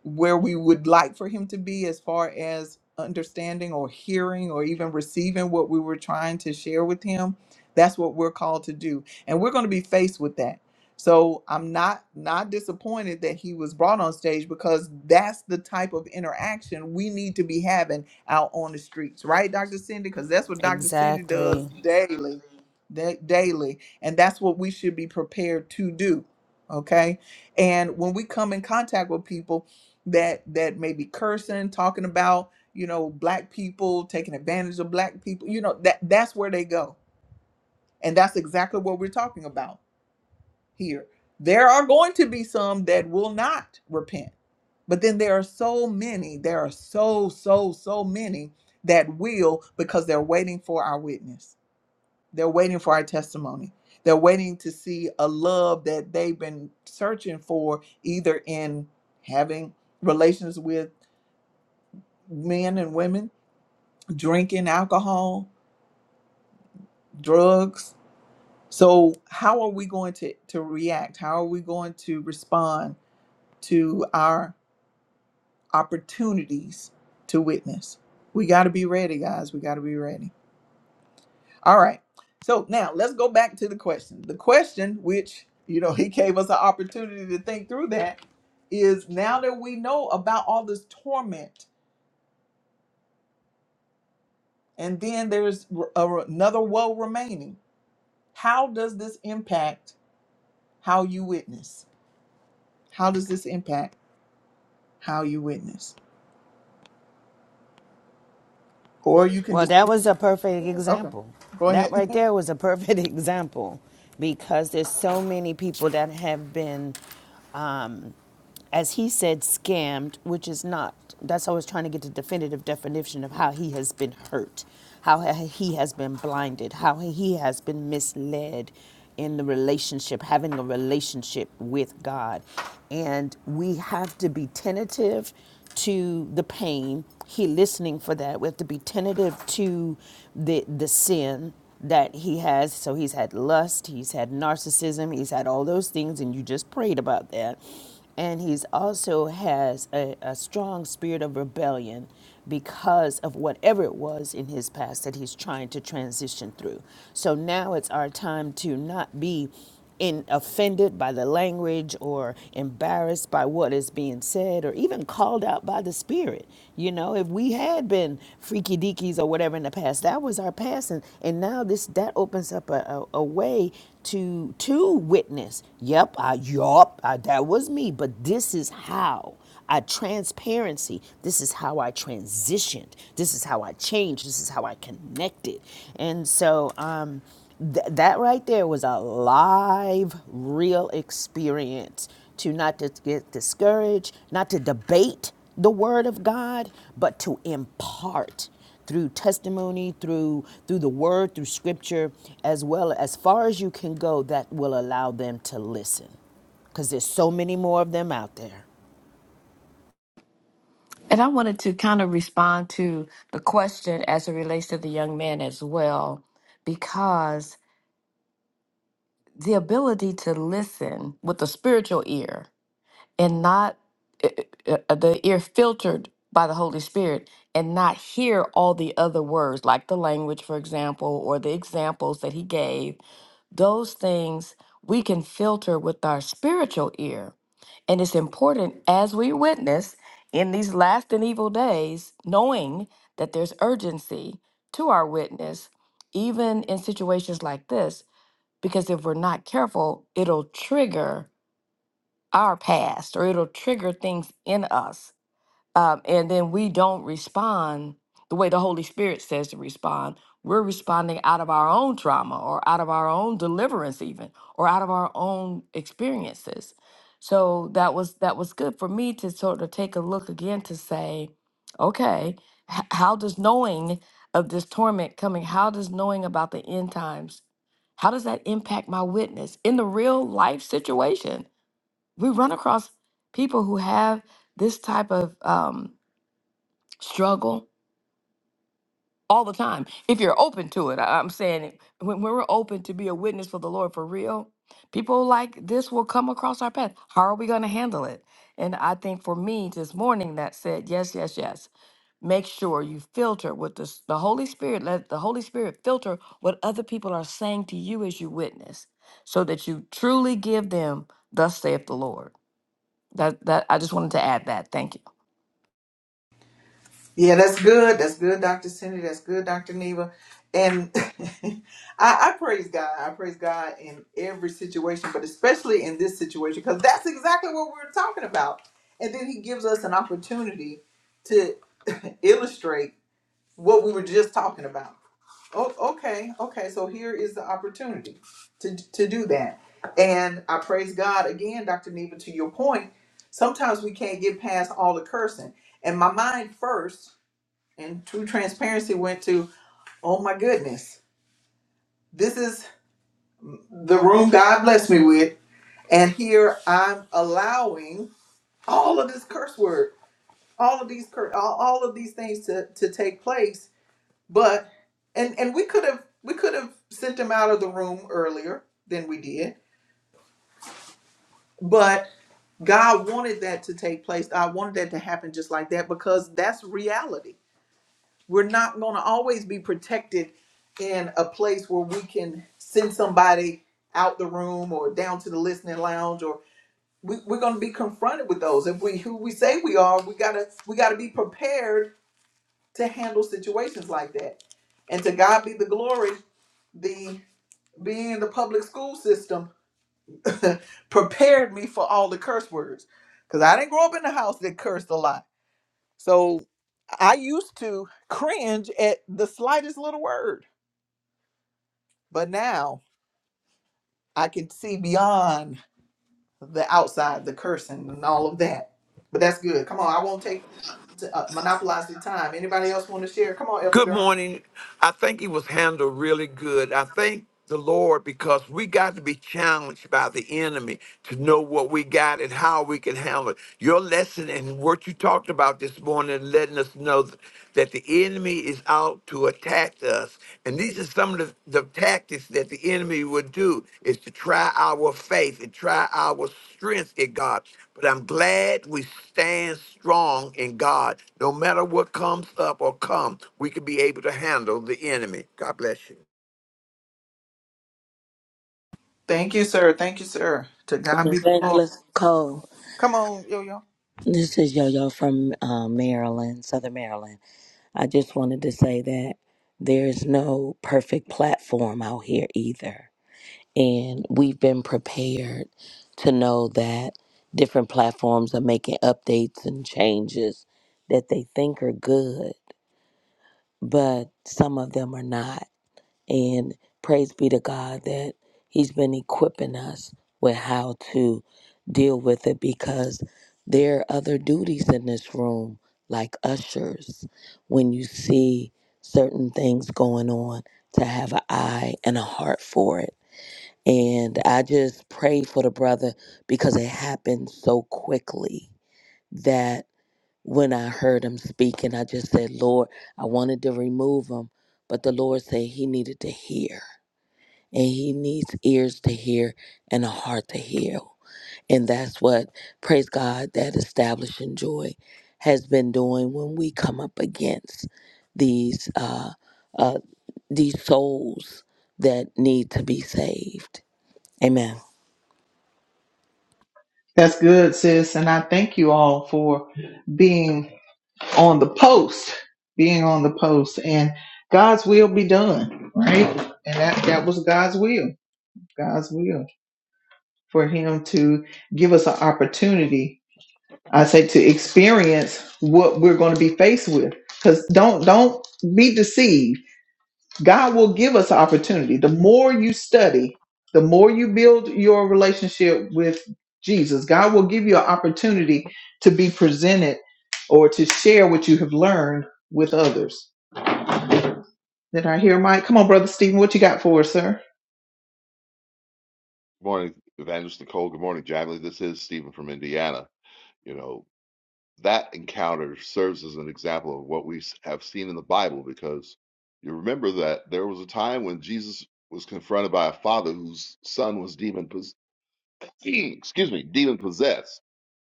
S1: where we would like for him to be as far as understanding or hearing or even receiving what we were trying to share with him that's what we're called to do and we're going to be faced with that so i'm not not disappointed that he was brought on stage because that's the type of interaction we need to be having out on the streets right dr cindy because that's what dr cindy does
S7: exactly.
S1: daily da- daily and that's what we should be prepared to do okay and when we come in contact with people that that may be cursing, talking about you know black people taking advantage of black people. You know that that's where they go, and that's exactly what we're talking about here. There are going to be some that will not repent, but then there are so many. There are so so so many that will because they're waiting for our witness. They're waiting for our testimony. They're waiting to see a love that they've been searching for, either in having relations with men and women drinking alcohol, drugs. So, how are we going to, to react? How are we going to respond to our opportunities to witness? We got to be ready, guys. We got to be ready. All right. So, now let's go back to the question. The question, which, you know, he gave us an opportunity to think through that, is now that we know about all this torment, and then there's r- a- another woe remaining, how does this impact? how you witness. How does this impact how you witness? Or you can
S7: Well,
S1: just
S7: that was a perfect
S1: okay.
S7: example.
S1: Go
S7: That
S1: ahead.
S7: right there was a perfect example because there's so many people that have been, um, as he said, scammed, which is not. That's I was trying to get the definitive definition of how he has been hurt, how he has been blinded, how he has been misled in the relationship, having a relationship with God. And we have to be tentative to the pain. He listening for that. We have to be tentative to the the sin that he has. So he's had lust, he's had narcissism, he's had all those things, and you just prayed about that. And he's also has a, a strong spirit of rebellion because of whatever it was in his past that he's trying to transition through. So now it's our time to not be in offended by the language or embarrassed by what is being said or even called out by the spirit you know if we had been freaky deakies or whatever in the past that was our past and, and now this that opens up a, a, a way to to witness yep i yup I, that was me but this is how I transparency. This is how I transitioned. This is how I changed. This is how I connected. And so um, th- that right there was a live, real experience to not to get discouraged, not to debate the word of God, but to impart through testimony, through through the word, through scripture, as well as far as you can go that will allow them to listen. Because there's so many more of them out there.
S5: And I wanted to kind of respond to the question as it relates to the young man as well, because the ability to listen with the spiritual ear and not uh, uh, uh, the ear filtered by the Holy Spirit and not hear all the other words, like the language, for example, or the examples that he gave those things we can filter with our spiritual ear. And it's important as we witness in these last and evil days, knowing that there's urgency to our witness, even in situations like this, because if we're not careful, it'll trigger our past or it'll trigger things in us um, and then we don't respond the way the Holy Spirit says to respond. We're responding out of our own trauma or out of our own deliverance, even or out of our own experiences. So that was that was good for me to sort of take a look again to say, okay, h- how does knowing of this torment coming, how does knowing about the end times, how does that impact my witness in the real life situation? We run across people who have this type of um, struggle all the time if you're open to it I- i'm saying it, when, when we're open to be a witness for the lord for real people like this will come across our path how are we going to handle it and i think for me this morning that said yes yes yes make sure you filter with this, the Holy Spirit. Let the Holy Spirit filter what other people are saying to you as you witness, so that you truly give them, "Thus saith the Lord." That that I just wanted to add that. Thank you.
S1: Yeah, that's good. That's good, Dr. Cindy. That's good, Dr. Neva. And I, I praise God. I praise God in every situation, but especially in this situation, because that's exactly what we're talking about. And then he gives us an opportunity to illustrate what we were just talking about. Oh, okay, okay. So here is the opportunity to to do that, and I praise God again, Doctor Neva. To your point, sometimes we can't get past all the cursing, and my mind first, and true transparency, went to, oh my goodness, this is the room God blessed me with, and here I'm allowing all of this curse word, all of these cur- all, all of these things to to take place But and and we could have we could have sent him out of the room earlier than we did. But God wanted that to take place. God wanted that to happen just like that because that's reality. We're not going to always be protected in a place where we can send somebody out the room or down to the listening lounge or we, we're going to be confronted with those if we who we say we are we gotta we gotta be prepared to handle situations like that and to god be the glory The being in the public school system prepared me for all the curse words because I didn't grow up in a house that cursed a lot. So I used to cringe at the slightest little word, but now I can see beyond the outside, the cursing, and all of that. But that's good. Come on, I won't take to, uh, monopolize the time. Anybody else want to share? Come on, Elder
S4: Good
S1: Durham.
S4: morning. I think he was handled really good. I thank the Lord because we got to be challenged by the enemy to know what we got and how we can handle it. Your lesson and what you talked about this morning, letting us know th- that the enemy is out to attack us. And these are some of the, the tactics that the enemy would do is to try our faith and try our strength in God. But I'm glad we stand strong in God. No matter what comes up or comes, we can be able to handle the enemy. God bless you.
S1: Thank you, sir. Thank you, sir. To
S2: With
S1: God be the glory.
S2: Evangelist Cole.
S1: Come on, Yo Yo.
S2: This is Yo Yo from uh, Maryland, Southern Maryland. I just wanted to say that there's no perfect platform out here either. And we've been prepared to know that different platforms are making updates and changes that they think are good, but some of them are not. And praise be to God that He's been equipping us with how to deal with it because there are other duties in this room, like ushers. When you see certain things going on, to have an eye and a heart for it. And I just pray for the brother because it happened so quickly that when I heard him speaking, I just said, Lord, I wanted to remove him, but the Lord said he needed to hear and he needs ears to hear and a heart to heal. And that's what, praise God, that establishing joy has been doing when we come up against these uh, uh, these souls that need to be saved. Amen.
S1: That's good, sis. And I thank you all for being. on the post, being on the post, and God's will be done, right? And that that was God's will, God's will for Him to give us an opportunity. I say to experience what we're going to be faced with, because don't don't be deceived. God will give us an opportunity. The more you study, the more you build your relationship with Jesus, God will give you an opportunity to be presented or to share what you have learned with others Did I hear Mike? Come on, Brother Stephen, what you got for us, sir?
S9: Good morning, Evangelist Nicole. Good morning, Jamily. This is Stephen from Indiana. You know, that encounter serves as an example of what we s- have seen in the Bible because you remember that there was a time when Jesus was confronted by a father whose son was demon possessed. Excuse me, demon possessed.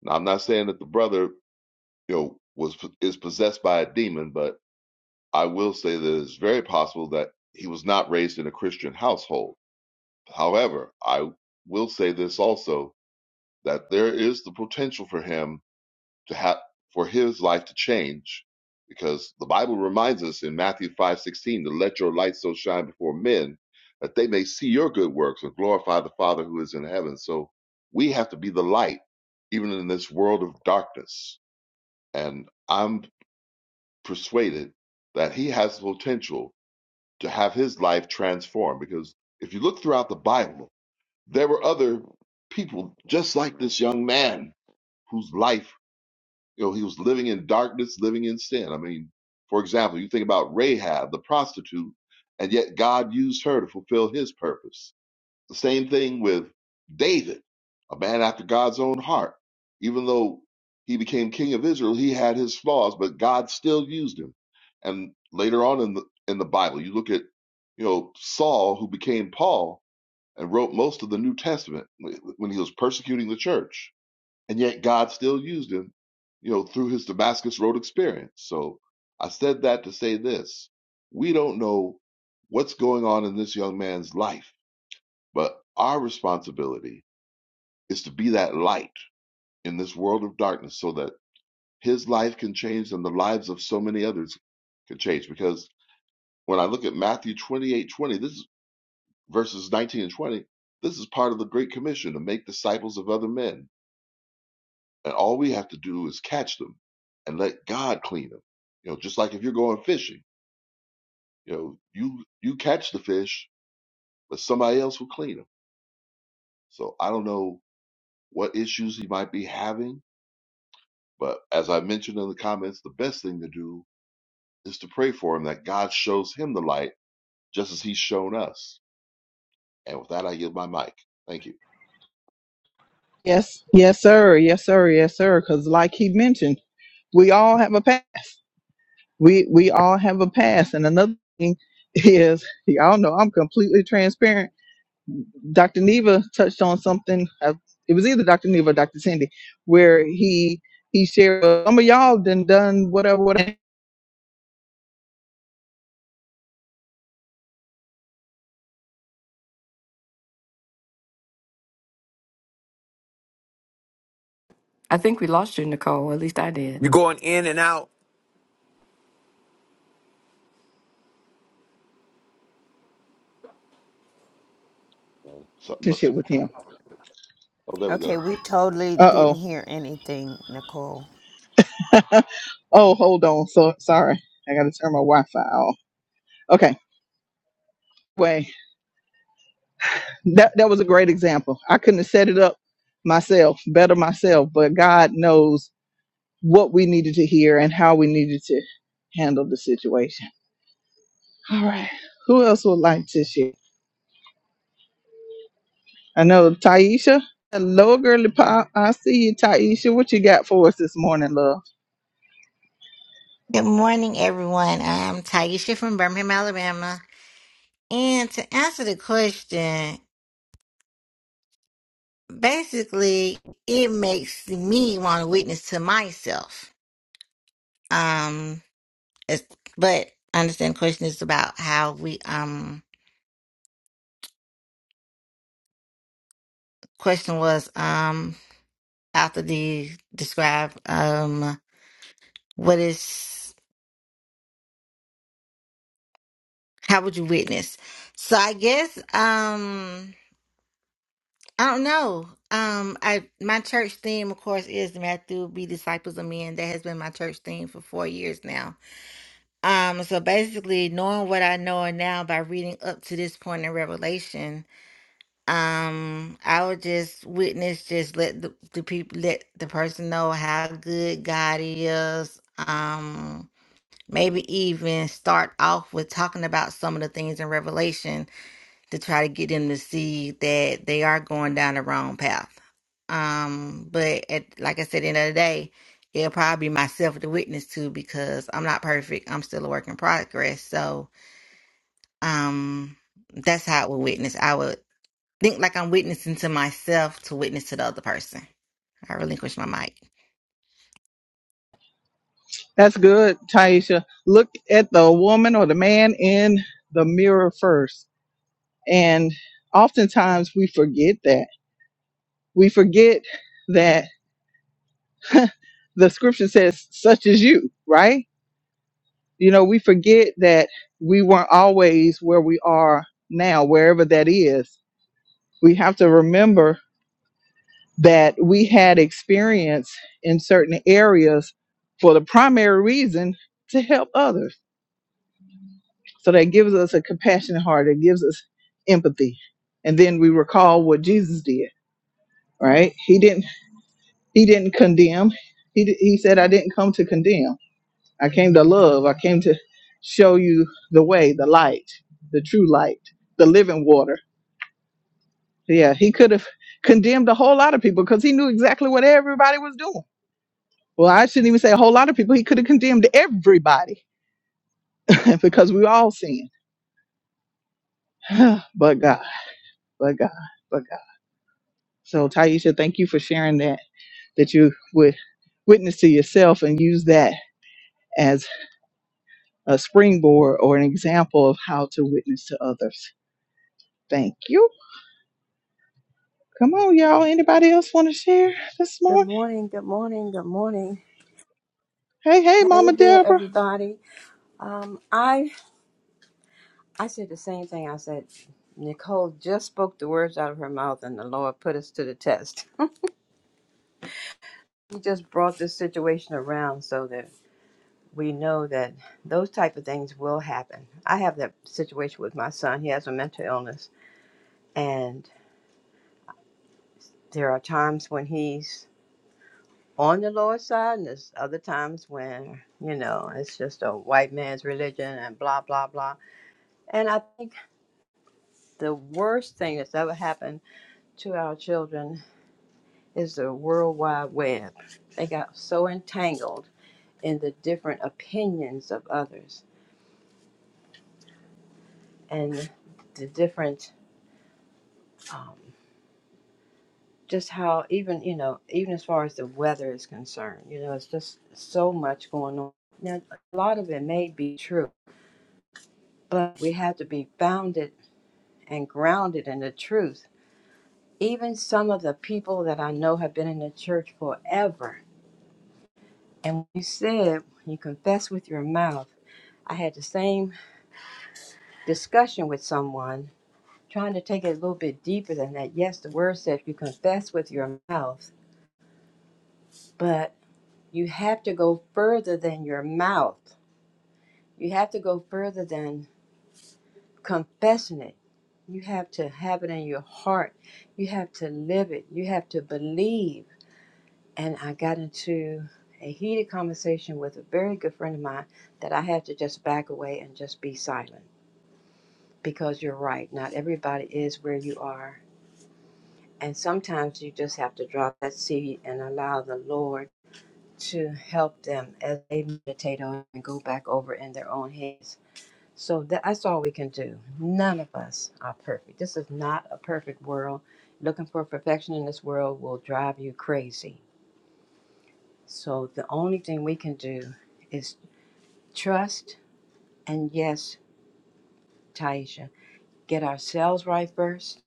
S9: Now, I'm not saying that the brother, you know, was is possessed by a demon, but I will say that it's very possible that he was not raised in a Christian household. However, I will say this also that there is the potential for him to have for his life to change because the bible reminds us in matthew 5.16 to let your light so shine before men that they may see your good works and glorify the father who is in heaven so we have to be the light even in this world of darkness and i'm persuaded that he has the potential to have his life transformed because if you look throughout the bible there were other people just like this young man whose life You know, he was living in darkness, living in sin. I mean, for example, you think about Rahab, the prostitute, and yet God used her to fulfill his purpose. The same thing with David, a man after God's own heart. Even though he became king of Israel, he had his flaws, but God still used him. And later on in the in the Bible, you look at you know Saul, who became Paul and wrote most of the New Testament when he was persecuting the church and yet God still used him, you know, through his Damascus Road experience. So I said that to say this: we don't know what's going on in this young man's life, but our responsibility is to be that light in this world of darkness, so that his life can change and the lives of so many others can change. Because when I look at Matthew twenty-eight twenty, this is verses nineteen and twenty. This is part of the Great Commission to make disciples of other men And all we have to do is catch them and let God clean them. You know, just like if you're going fishing, you know, you you catch the fish, but somebody else will clean them. So I don't know what issues he might be having, but as I mentioned in the comments, the best thing to do is to pray for him that God shows him the light just as he's shown us. And with that, I give my mic. Thank you.
S1: Yes, yes, sir. Yes, sir. Yes, sir. Because, like he mentioned, we all have a past. we we all have a past. And another thing is, y'all know I'm completely transparent. Dr. Neva touched on something. uh, It was either Dr. Neva or Dr. Cindy, where he he shared "Well, some of y'all done done whatever whatever
S5: I think we lost you, Nicole. At least I did.
S4: You're going in and out
S9: Uh, Something must
S1: relationship
S9: have,
S1: with him.
S9: oh, there we
S7: Okay,
S9: go.
S7: we totally
S1: Uh oh.
S7: didn't hear anything, Nicole.
S1: oh, hold on. So sorry, I got to turn my Wi-Fi off. Okay. Anyway, that that was a great example. I couldn't have set it up myself better myself, but God knows what we needed to hear and how we needed to handle the situation. All right. Who else would like to share? I know Taisha. Hello, girly pop. I see you, Taisha. What you got for us this morning, love?
S10: Good morning, everyone. I'm Taisha from Birmingham, Alabama. And to answer the question, basically, it makes me want to witness to myself. Um, it's, but I understand the question is about how we, um, question was, um, after the describe, um, what is, how would you witness? So I guess, um, I don't know. Um, I my church theme, of course, is Matthew be disciples of men. That has been my church theme for four years now. Um, so basically, knowing what I know now by reading up to this point in Revelation, um, I would just witness, just let the, the people, let the person know how good God is. Um, maybe even start off with talking about some of the things in Revelation to try to get them to see that they are going down the wrong path. Um, but at, like I said, in the end of the day, it'll probably be myself the witness to because I'm not perfect. I'm still a work in progress. So um, that's how I would witness. I would think like I'm witnessing to myself to witness to the other person. I relinquish my mic.
S1: That's good, Taisha. Look at the woman or the man in the mirror first. And oftentimes we forget that. We forget that the scripture says, such as you, right? You know, we forget that we weren't always where we are now, wherever that is. We have to remember that we had experience in certain areas for the primary reason to help others. So that gives us a compassionate heart, it gives us empathy. And then we recall what Jesus did, right? He didn't he didn't condemn. He, d- he said I didn't come to condemn I came to love. I came to show you the way, the light, the true light, the living water. Yeah, he could have condemned a whole lot of people because he knew exactly what everybody was doing. Well, I shouldn't even say a whole lot of people. He could have condemned everybody because we all sin. but God, but God, but God. So, Taisha, thank you for sharing that, that you would witness to yourself and use that as a springboard or an example of how to witness to others. Thank you. Come on, y'all. Anybody else want to share this
S11: Good
S1: morning?
S11: morning, good morning, good morning.
S1: Hey, hey,
S11: Hey
S1: Mama
S11: there,
S1: Deborah.
S11: everybody. Um, I I said the same thing. I said Nicole just spoke the words out of her mouth, and the Lord put us to the test. He just brought this situation around so that we know that those type of things will happen. I have that situation with my son. He has a mental illness, and there are times when he's on the Lord's side, and there's other times when you know it's just a white man's religion and blah blah blah. And I think The worst thing that's ever happened to our children is the World Wide Web. They got so entangled in the different opinions of others and the different, um, just how even, you know, even as far as the weather is concerned, you know, it's just so much going on. Now, a lot of it may be true, but we have to be founded and grounded in the truth. Even some of the people that I know have been in the church forever And when you said when you confess with your mouth, I had the same discussion with someone trying to take it a little bit deeper than that. Yes, the word says you confess with your mouth, but you have to go further than your mouth. You have to go further than confessing it. You have to have it in your heart. You have to live it. You have to believe. And I got into a heated conversation with a very good friend of mine that I had to just back away and just be silent because you're right. Not everybody is where you are. And sometimes you just have to drop that seed and allow the Lord to help them as they meditate on and go back over in their own heads. So that- that's all we can do. None of us are perfect. This is not a perfect world. Looking for perfection in this world will drive you crazy. So the only thing we can do is trust and yes, Taisha, get ourselves right first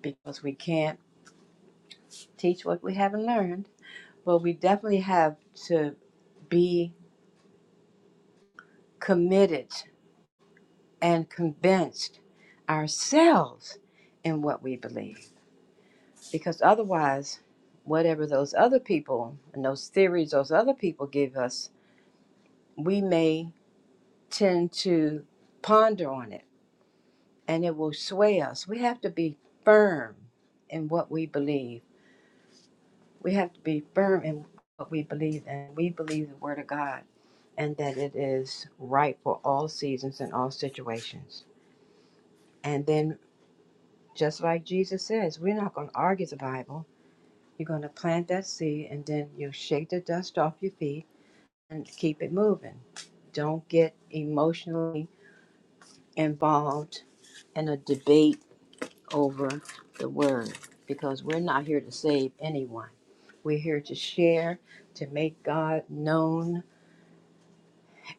S11: because we can't teach what we haven't learned, but we definitely have to be committed and convinced ourselves in what we believe. Because otherwise, whatever those other people and those theories those other people give us, we may tend to ponder on it and it will sway us. We have to be firm in what we believe. We have to be firm in what we believe, and we believe the Word of God and that it is right for all seasons and all situations. And then, just like Jesus says, we're not going to argue the Bible. You're going to plant that seed, and then you'll shake the dust off your feet and keep it moving. Don't get emotionally involved in a debate over the word because we're not here to save anyone. We're here to share, to make God known,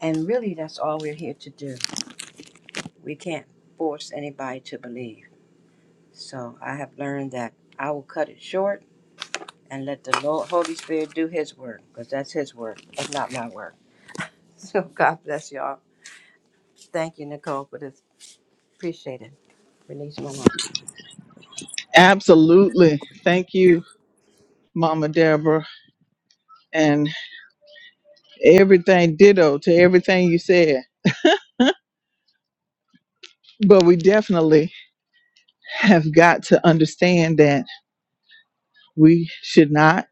S11: and really that's all we're here to do. We can't force anybody to believe. So I have learned that I will cut it short and let the Lord, Holy Spirit do His work, because that's His work. That's not my work. So God bless y'all. Thank you, Nicole, for this. Appreciate it. Release my mom.
S1: Absolutely. Thank you, Mama Deborah, and everything ditto to everything you said. But we definitely have got to understand that we should not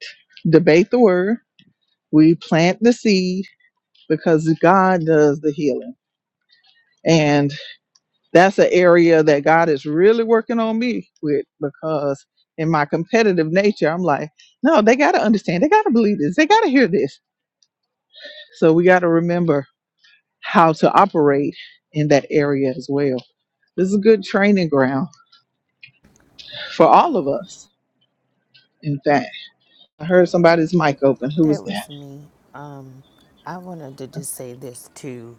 S1: debate the word. We plant the seed because God does the healing. that's an area that God is really working on me with because in my competitive nature, I'm like, no, they got to understand. They got to believe this. They got to hear this. So we got to remember how to operate in that area as well. This is a good training ground for all of us. In fact, I heard somebody's mic open. Who was
S7: That
S1: that?
S7: was me. Um, I wanted to just say this too.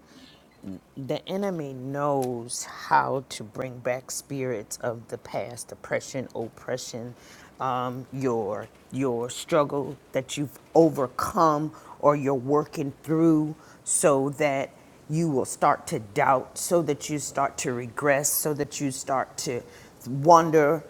S7: The enemy knows how to bring back spirits of the past, oppression, oppression, um, your your struggle that you've overcome or you're working through, so that you will start to doubt, so that you start to regress, so that you start to wonder.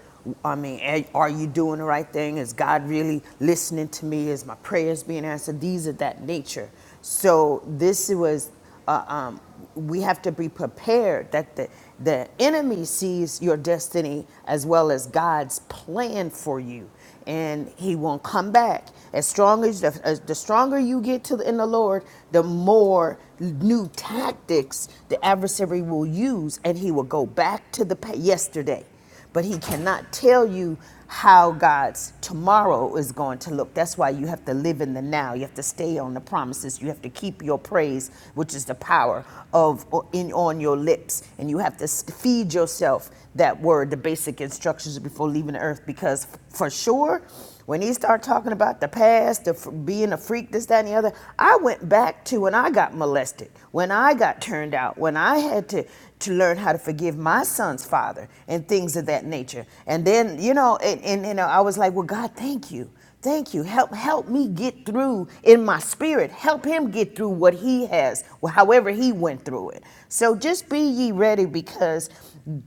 S7: I mean, are you doing the right thing? Is God really listening to me? Is my prayers being answered? These are that nature. So this was, uh, um, we have to be prepared that the the enemy sees your destiny as well as God's plan for you and he won't come back. As strong as the, as the stronger you get to the, in the Lord, the more new tactics the adversary will use, and he will go back to the yesterday. But he cannot tell you how God's tomorrow is going to look. That's why you have to live in the now. You have to stay on the promises. You have to keep your praise, which is the power of in on your lips, and you and you have to feed yourself that word, the basic instructions before leaving the earth. Because for sure, when he started talking about the past, the f- being a freak, this, that, and the other, I went back to when I got molested, when I got turned out, when I had to to learn how to forgive my son's father and things of that nature. And then, you know, and, and you know, I was like, well, God, thank you. Thank you. Help help me get through in my spirit Spirit, help him get through what he has, or however he went through it. So just be ye ready because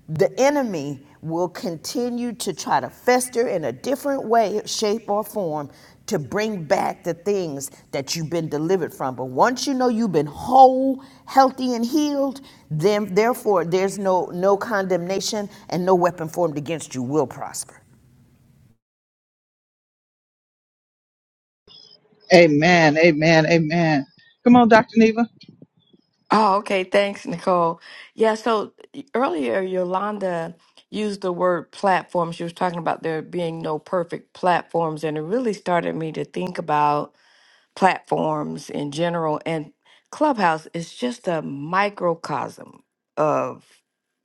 S7: the enemy will continue to try to fester in a different way, shape, or form to bring back the things that you've been delivered from. But once you know you've been whole, healthy, and healed, then therefore there's no no condemnation and no weapon formed against you will prosper.
S1: Amen. Amen. Amen. Come on, Dr. Neva.
S5: Oh, okay. Thanks, Nicole. Yeah, so earlier Yolanda used the word platform. She was talking about there being no perfect platforms, and it really started me to think about platforms in general. And Clubhouse is just a microcosm of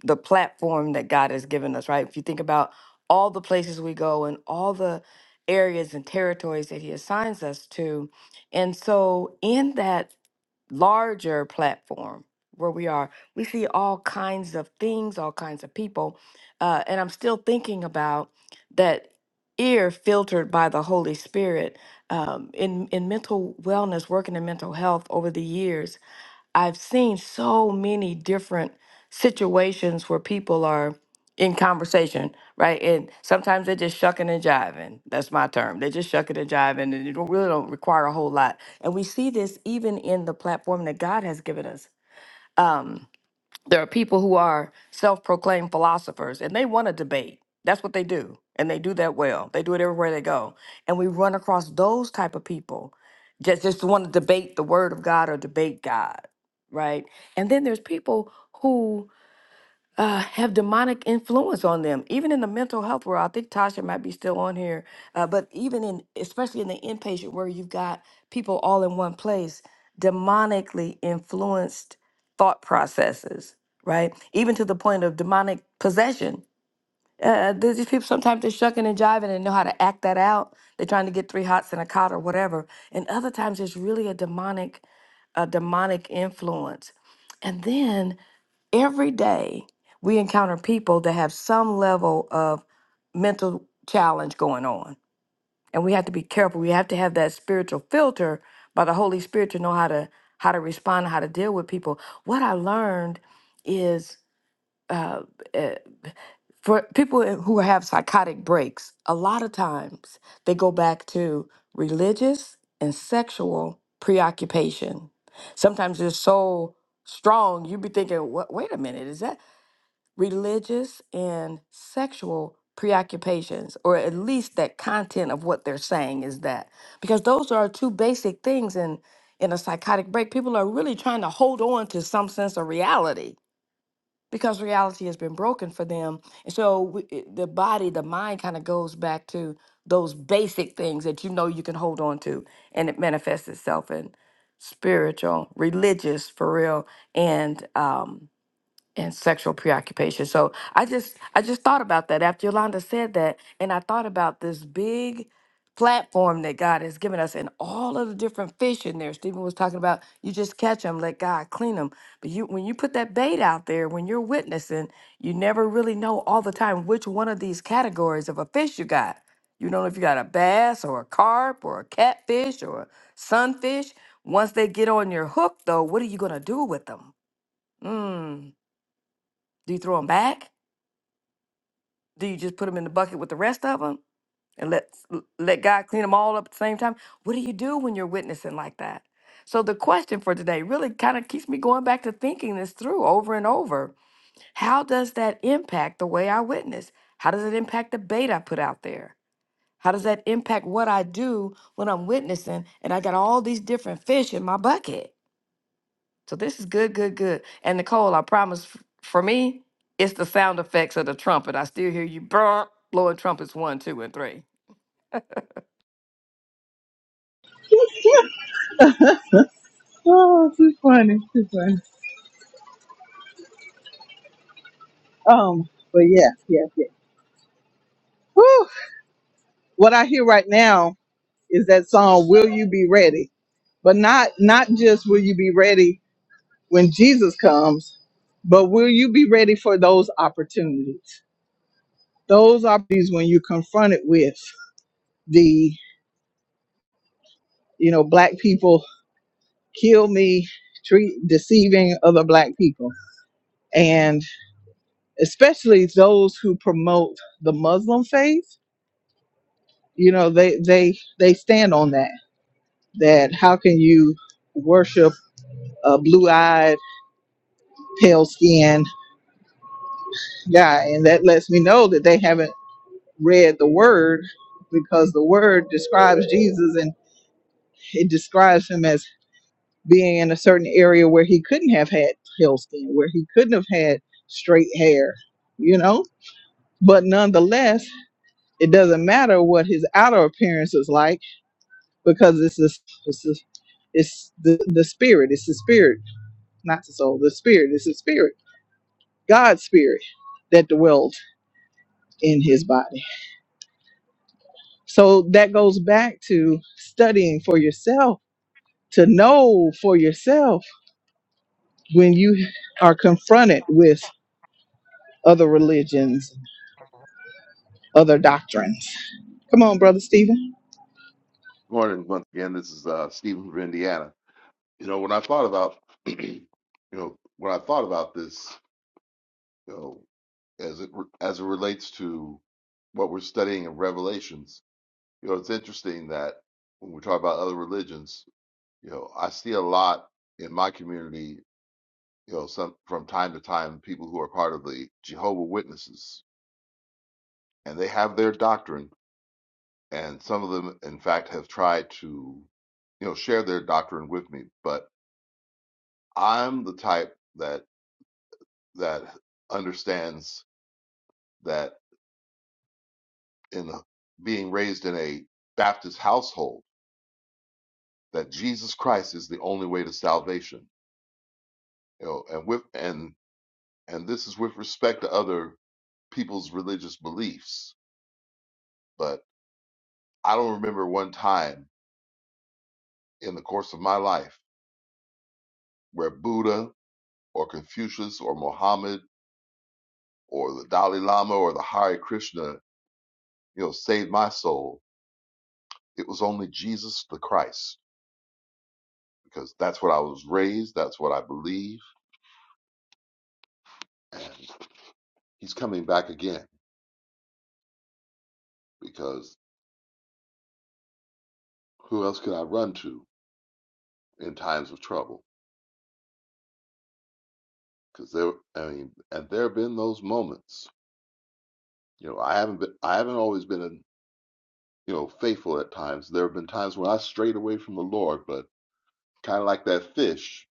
S5: the platform that God has given us, right? If you think about all the places we go and all the areas and territories that He assigns us to. And so, in that larger platform where we are, we see all kinds of things, all kinds of people. Uh, and I'm still thinking about that ear filtered by the Holy Spirit um, in, in mental wellness, working in mental health over the years I've seen so many different situations where people are in conversation, right? And sometimes they're just shucking and jiving. That's my term. They're just shucking and jiving, and it don't, really don't require a whole lot. And we see this even in the platform that God has given us. Um, there are people who are self-proclaimed philosophers and they want to debate that's what they do and they do that well they do it everywhere they go and we run across those type of people just just want to debate the word of god or debate god right and then there's people who uh, have demonic influence on them, even in the mental health world. I think Tasha might be still on here, uh, but even in, especially in the inpatient where you've got people all in one place, demonically influenced thought processes, right? Even to the point of demonic possession. Uh, there's these people sometimes they're shucking and jiving and know how to act that out. They're trying to get three hots and a cot or whatever. And other times it's really a demonic, a demonic influence. And then every day we encounter people that have some level of mental challenge going on and we have to be careful we have to have that spiritual filter by the holy spirit to know how to how to respond how to deal with people what i learned is uh, uh, for people who have psychotic breaks a lot of times they go back to religious and sexual preoccupation sometimes they're so strong you'd be thinking "Wha- wait a minute is that religious and sexual preoccupations, or at least that content of what they're saying is that. Because those are two basic things in, in a psychotic break. People are really trying to hold on to some sense of reality because reality has been broken for them. And so we, it- the body, the mind kind of goes back to those basic things that you know you can hold on to, and it manifests itself in spiritual, religious, for real, and um, and sexual preoccupation. So I just I just thought about that after Yolanda said that, and I thought about this big platform that God has given us and all of the different fish in there. Stephen was talking about you just catch them, let God clean them. But you when you put that bait out there, when you're witnessing, you never really know all the time which one of these categories of a fish you got. You don't know if you got a bass or a carp or a catfish or a sunfish. Once they get on your hook though, what are you gonna do with them? Do you throw them back? Do you just put them in the bucket with the rest of them and let let God clean them all up at the same time? What do you do when you're witnessing like that? So the question for today really kind of keeps me going back to thinking this through over and over. How does that impact the way I witness? How does it impact the bait I put out there? How does that impact what I do when I'm witnessing and I got all these different fish in my bucket? So this is good, good, good. And Nicole, I promise f- for me, it's the sound effects of the trumpet. I still hear you brr, blowing trumpets one, two, and three.
S1: oh, too funny. Too funny. Um, but yes, yes, yes. Whew. What I hear right now is that song will you be ready but not not just will you be ready when jesus comes but will you be ready for those opportunities those opportunities when you're confronted with the you know black people kill me treat deceiving other black people and especially those who promote the muslim faith you know they they they stand on that that how can you worship a blue-eyed pale skinned Yeah, and that lets me know that they haven't read the word because the word describes Jesus and it describes him as being in a certain area where he couldn't have had pale skin, where he couldn't have had straight hair, you know? But nonetheless, it doesn't matter what his outer appearance is like because it's this, it's, this, it's the, the spirit, it's the spirit, not the soul, the spirit, it's the spirit, God's spirit that dwells in his body. So that goes back to studying for yourself, to know for yourself when you are confronted with other religions, other doctrines. Come on, Brother Stephen.
S9: Good Morning once again. This is uh, Stephen from Indiana. You know, when I thought about, you know, when I thought about this, you know, as it as it relates to what we're studying in Revelations, you know, it's interesting that when we talk about other religions, you know, I see a lot in my community, you know, some from time to time people who are part of the Jehovah Witnesses, and they have their doctrine, and some of them, in fact, have tried to, you know, share their doctrine with me, but I'm the type that that understands that in being raised in a Baptist household, that Jesus Christ is the only way to salvation. You know, and with and and this is with respect to other people's religious beliefs. But I don't remember one time in the course of my life where Buddha or Confucius or Mohammed or the Dalai Lama or the Hare Krishna, you know, saved my soul. It was only Jesus the Christ because that's what I was raised. That's what I believe. And he's coming back again because who else can I run to in times of trouble? Because there, I mean, and there have been those moments. You know, I haven't been, I haven't always been, you know, faithful at times. There have been times when I strayed away from the Lord, but kind of like that fish,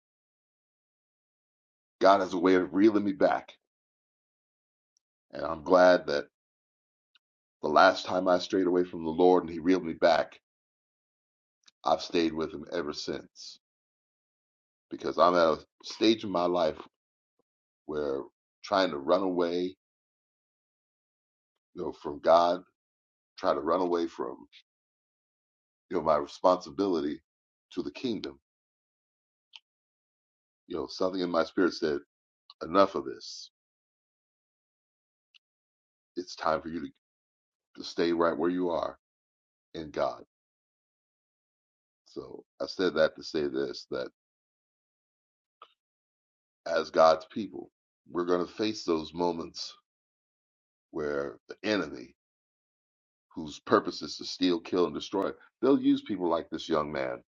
S9: God has a way of reeling me back. And I'm glad that the last time I strayed away from the Lord and He reeled me back, I've stayed with Him ever since. Because I'm at a stage in my life where trying to run away, you know, from God try to run away from you know my responsibility to the kingdom you know something in my spirit said enough of this it's time for you to, to stay right where you are in god so i said that to say this that as god's people we're going to face those moments where the enemy whose purpose is to steal kill and destroy they'll use people like this young man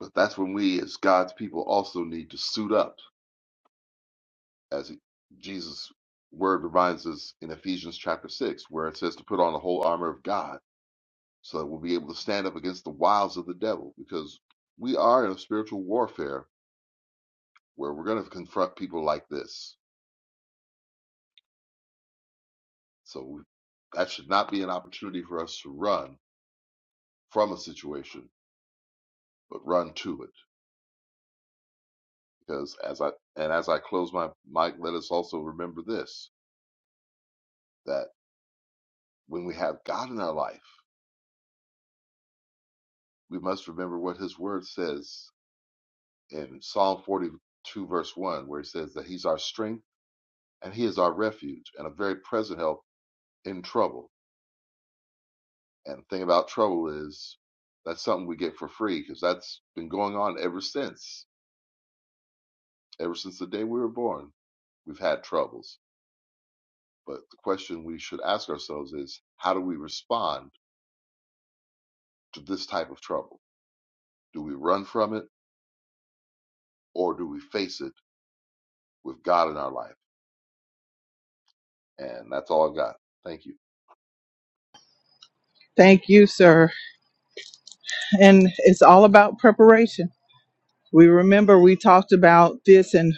S9: but that's when we as god's people also need to suit up as Jesus' word reminds us in Ephesians chapter 6, where it says to put on the whole armor of God so that we'll be able to stand up against the wiles of the devil, because we are in a spiritual warfare where we're going to confront people like this. So we, that should not be an opportunity for us to run from a situation, but run to it. Because as I and as I close my mic, let us also remember this: that when we have God in our life, we must remember what His Word says in Psalm 42, verse 1, where he says that he's our strength and he is our refuge and a very present help in trouble. And the thing about trouble is that's something we get for free because that's been going on ever since. Ever since the day we were born, we've had troubles. But the question we should ask ourselves is how do we respond to this type of trouble? Do we run from it or do we face it with God in our life? And that's all I've got. Thank you.
S1: Thank you, sir. And it's all about preparation. We remember we talked about this in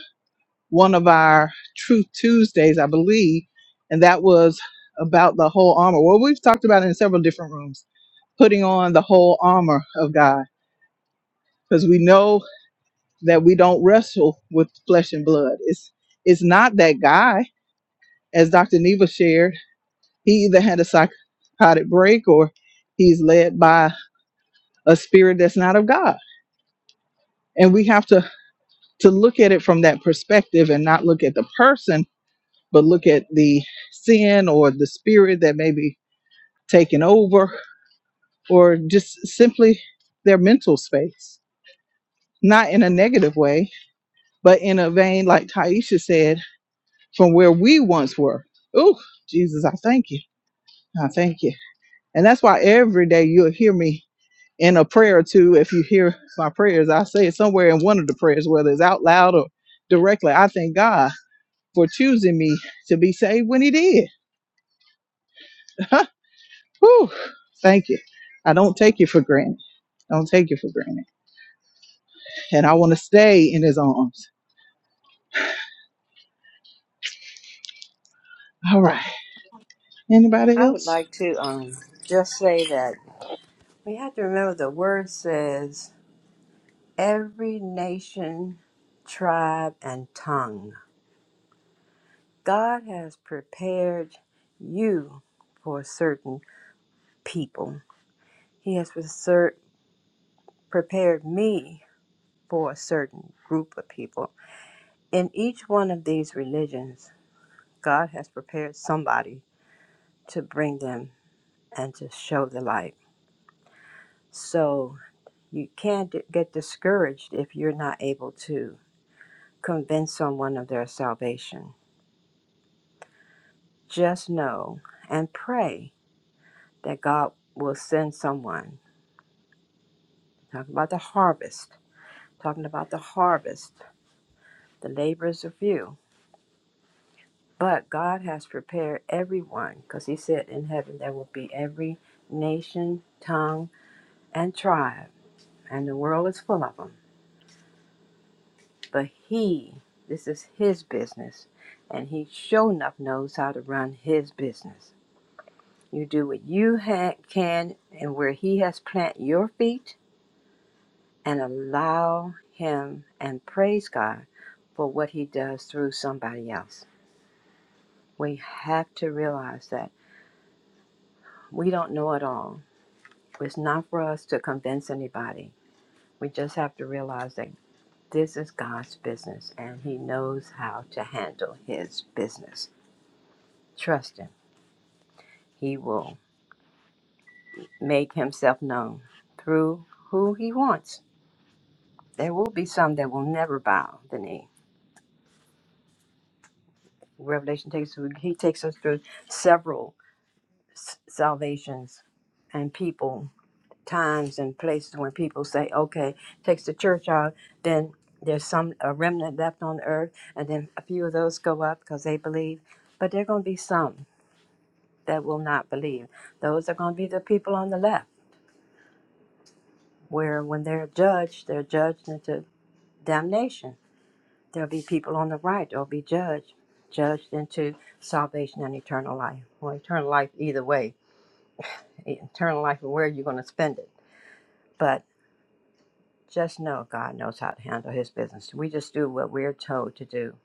S1: one of our Truth Tuesdays, I believe, and that was about the whole armor. Well, we've talked about it in several different rooms, putting on the whole armor of God, because we know that we don't wrestle with flesh and blood. It's it's not that guy, as Dr. Neva shared. He either had a psychotic break or he's led by a spirit that's not of God. And we have to to look at it from that perspective and not look at the person, but look at the sin or the spirit that may be taken over or just simply their mental space. Not in a negative way, but in a vein, like Taisha said from where we once were. Oh, Jesus, I thank you. I thank you. And that's why every day you'll hear me in a prayer or two. If you hear my prayers, I say it somewhere in one of the prayers, whether it's out loud or directly. I thank God for choosing me to be saved when He did. Whew, thank you. I don't take you for granted. Don't take you for granted. And I want to stay in His arms. All right. Anybody
S11: I would
S1: else?
S11: like to um just say that we have to remember the word says every nation, tribe, and tongue. God has prepared you for certain people. He has preser- prepared me for a certain group of people. In each one of these religions, God has prepared somebody to bring them and to show the light. So you can't d- get discouraged if you're not able to convince someone of their salvation. Just know and pray that God will send someone. Talking about the harvest, talking about the harvest, the laborers are few But God has prepared everyone, because He said in heaven there will be every nation, tongue, and tribe, and the world is full of them. But He, this is His business, and He sure enough knows how to run His business. You do what you ha- can and where He has planted your feet, and allow Him and praise God for what He does through somebody else. We have to realize that we don't know it all It's not for us to convince anybody. We just have to realize that this is God's business and He knows how to handle His business. Trust Him. He will make Himself known through who He wants. There will be some that will never bow the knee. Revelation takes He takes us through several s- salvations and people times and places when people say, okay, takes the church out, then there's some a remnant left on earth, and then a few of those go up because they believe. But there are going to be some that will not believe. Those are going to be the people on the left, where when they're judged, they're judged into damnation. There'll be people on the right that'll be judged, judged into salvation and eternal life. Well, eternal life either way, eternal life and where you're going to spend it. but. Just know God knows how to handle his business. We just do what we're told to do,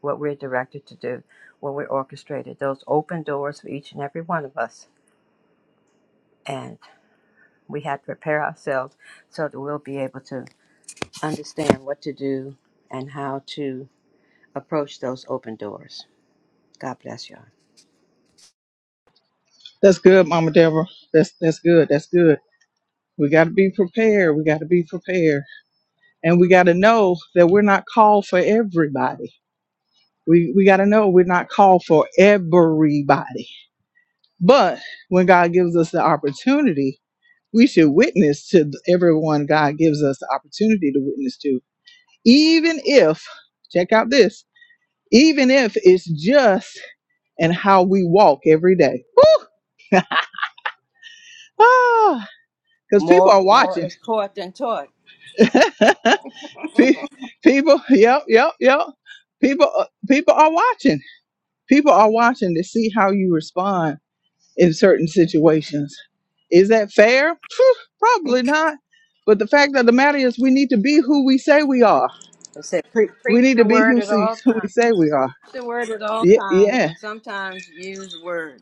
S11: what we're directed to do, what we're orchestrated. Those open doors for each and every one of us. And we have to prepare ourselves so that we'll be able to understand what to do and how to approach those open doors. God bless y'all.
S1: That's good, Mama Deborah. That's that's good. That's good. We got to be prepared. We got to be prepared and we got to know that we're not called for everybody. We we got to know we're not called for everybody. But when God gives us the opportunity, we should witness to everyone God gives us the opportunity to witness to, even if check out this, even if it's just in how we walk every day. Woo! ah, because people
S11: More
S1: are
S11: more
S1: watching.
S11: is taught than taught.
S1: Pe- people, yep, yep, yep. People, uh, people are watching People are watching to see how you respond in certain situations. Is that fair? Phew, Probably not. But the fact of the matter is, we need to be who we say we are.
S11: It said pre-
S1: We
S11: preach
S1: need
S11: the
S1: to be
S11: word
S1: who,
S11: at
S1: see,
S11: all
S1: who we
S11: times.
S1: say we are.
S11: Preach the word at all
S1: Yeah,
S11: times
S1: yeah.
S11: and sometimes use words.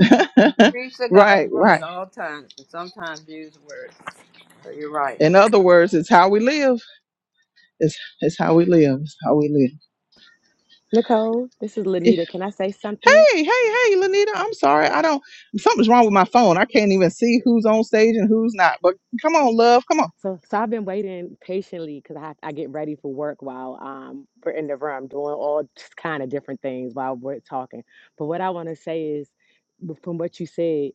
S11: Preach the
S1: right,
S11: gospel at
S1: right.
S11: all times and sometimes use words. So you're right.
S1: In other words, it's how we live. It's, it's how we live. It's how we live.
S12: Nicole, this is
S1: Yeah.
S12: Lanita. Can I say something?
S1: Hey, hey, hey, Lanita. I'm sorry. I don't. Something's wrong with my phone. I can't even see who's on stage and who's not. But come on, love. Come on.
S12: So, so I've been waiting patiently because I, I get ready for work while um, we're in the room doing all kind of different things while we're talking. But what I want to say is, from what you said,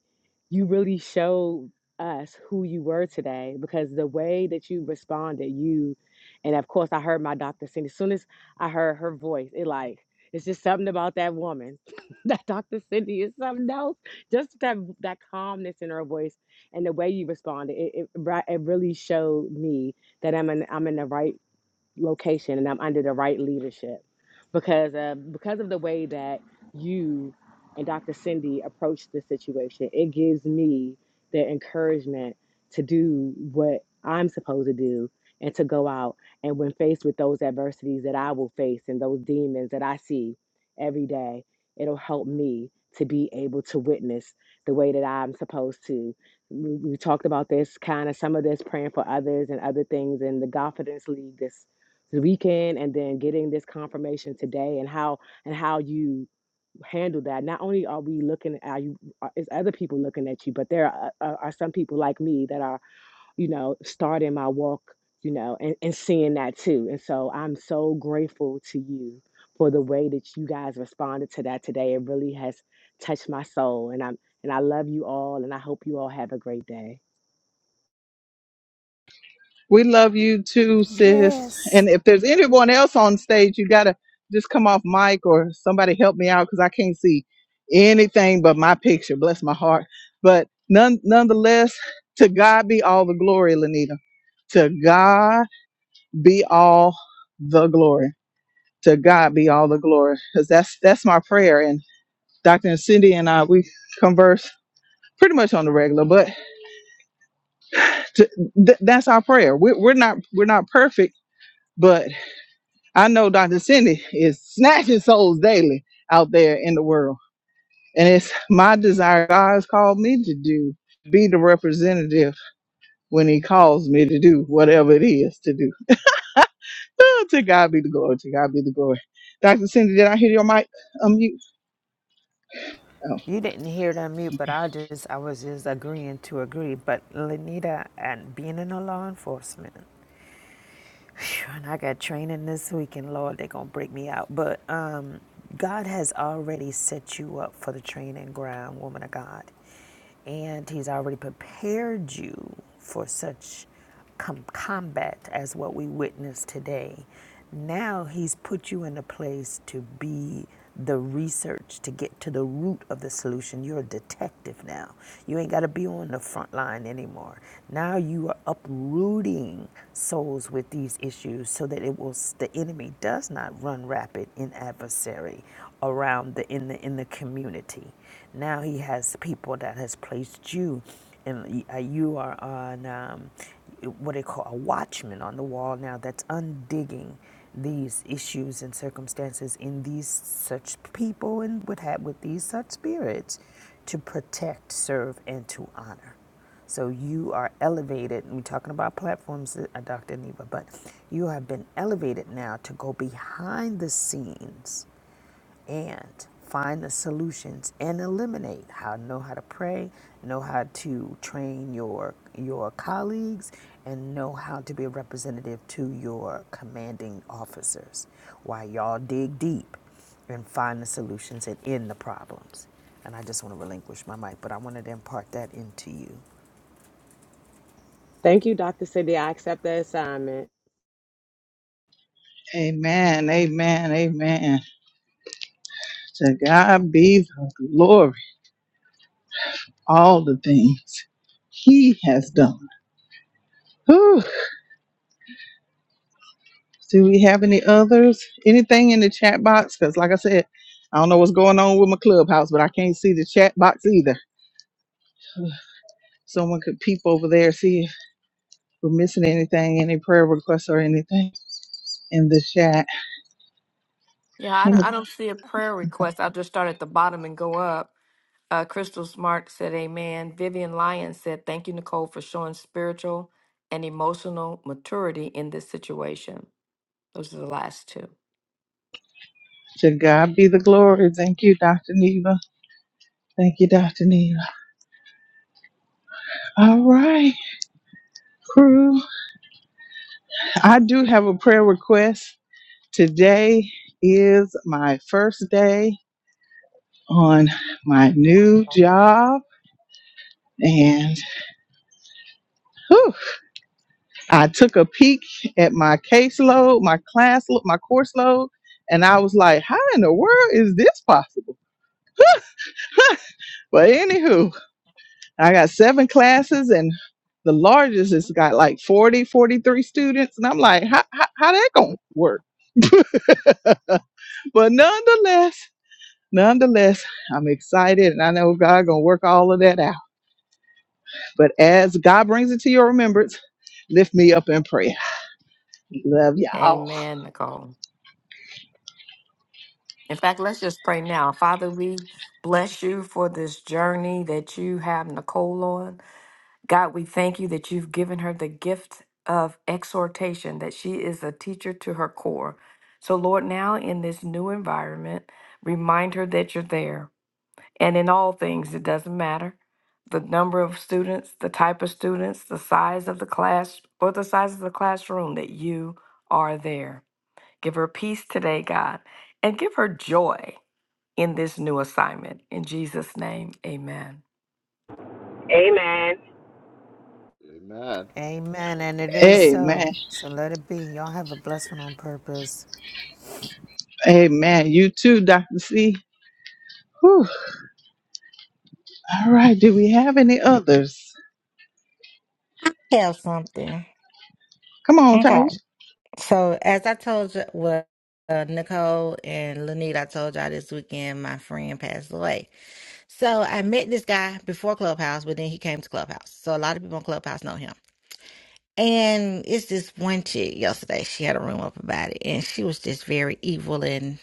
S12: you really showed us who you were today because the way that you responded, you, and of course I heard my doctor Cindy. As soon as I heard her voice, it like it's just something about that woman, that Dr. Cindy is something else. Just that that calmness in her voice and the way you responded, it, it, it really showed me that I'm in, I'm in the right location and I'm under the right leadership because uh, because of the way that you and Dr. Cindy approached the situation, it gives me the encouragement to do what I'm supposed to do and to go out and when faced with those adversities that I will face and those demons that I see every day, it'll help me to be able to witness the way that I'm supposed to. We, we talked about this kind of some of this praying for others and other things in the Confidence League this the weekend and then getting this confirmation today and how and how you handle that not only are we looking at you are- is other people looking at you but there are, are, are some people like me that are you know starting my walk you know and, and seeing that too and so i'm so grateful to you for the way that you guys responded to that today it really has touched my soul and i'm and i love you all and i hope you all have a great day
S1: We love you too, sis.
S7: Yes.
S1: And if there's anyone else on stage, you gotta just come off mic or somebody help me out because I can't see anything but my picture. Bless my heart. But none nonetheless, to God be all the glory, Lenita. To God be all the glory. To God be all the glory. Because that's that's my prayer. And Dr. and Cindy and I we converse pretty much on the regular, but to, th- that's our prayer. We're, we're not we're not perfect, but I know Dr. Cindy is snatching souls daily out there in the world. And it's my desire God's called me to do, be the representative when he calls me to do whatever it is to do. Ah, to God be the glory, to God be the glory. Dr. Cindy, did I hear your mic unmute? Oh,
S7: You didn't hear it mute, but
S1: okay.
S7: I just I was just agreeing to agree. But Lenita and being in the law enforcement, phew, and I got training this week, and Lord, they're gonna break me out. But um, God has already set you up for the training ground, woman of God, and He's already prepared you for such com- combat as what we witnessed today. Now he's put you in a place to be the research to get to the root of the solution. You're a detective now. You ain't got to be on the front line anymore. Now you are uprooting souls with these issues so that it will the enemy does not run rapid in adversary around the in the in the community. Now He has people that has placed you, and uh, you are on um, what they call a watchman on the wall now. That's undigging these issues and circumstances in these such people and with ha- with these such spirits to protect, serve, and to honor. So you are elevated. We're talking about platforms, uh, Dr. Neva, but you have been elevated now to go behind the scenes and find the solutions and eliminate how know how to pray know how to train your your colleagues and know how to be a representative to your commanding officers while y'all dig deep and find the solutions and end the problems and i just want to relinquish my mic but i wanted to impart that into you
S12: thank you dr cindy i accept the assignment
S1: Amen, amen, amen. To God be the glory, all the things He has done. Whew. Do we have any others? Anything in the chat box? Because, like I said, I don't know what's going on with my clubhouse, but I can't see the chat box either. Someone could peep over there, see if we're missing anything, any prayer requests or anything in the chat.
S5: Yeah, I don't, I don't see a prayer request. I'll just start at the bottom and go up. Uh, Crystal Smart said, Amen. Vivian Lyons said, Thank you, Nicole, for showing spiritual and emotional maturity in this situation. Those are the last two.
S1: To God be the glory. Thank you, Dr. Neva. Thank you, Dr. Neva. All right, crew. I do have a prayer request. Today is my first day on my new job. And whew, I took a peek at my caseload, my class, lo- my course load, and I was like, how in the world is this possible? But anywho, I got seven classes, and the largest has got like 40, 43 students. And I'm like, how, how, how that going to work? but nonetheless, Nonetheless, I'm excited and I know God gonna work all of that out. But as God brings it to your remembrance, lift me up in prayer. Love y'all.
S5: Amen, Nicole. In fact, let's just pray now. Father, we bless you for this journey that you have Nicole on. God, we thank you that you've given her the gift of exhortation, that she is a teacher to her core. So, Lord, now in this new environment, remind her that you're there. And in all things, it doesn't matter the number of students, the type of students, the size of the class, or the size of the classroom, that you are there. Give her peace today, God, and give her joy in this new assignment. In Jesus' name, amen.
S9: Amen. Amen.
S7: amen and it is so
S1: Amen.
S7: so let it be y'all have a blessed one on purpose
S1: Amen. You too, Dr. C. Whew. All right. Do we have any others?
S10: Have something.
S1: Come on,
S10: Okay.
S1: Taisha.
S10: So as I told you, well, uh, Nicole and Lanita, I told y'all this weekend my friend passed away. So I met this guy before Clubhouse, but then he came to Clubhouse. So a lot of people on Clubhouse know him. And it's this one chick yesterday. She had a room up about it, and she was just very evil. And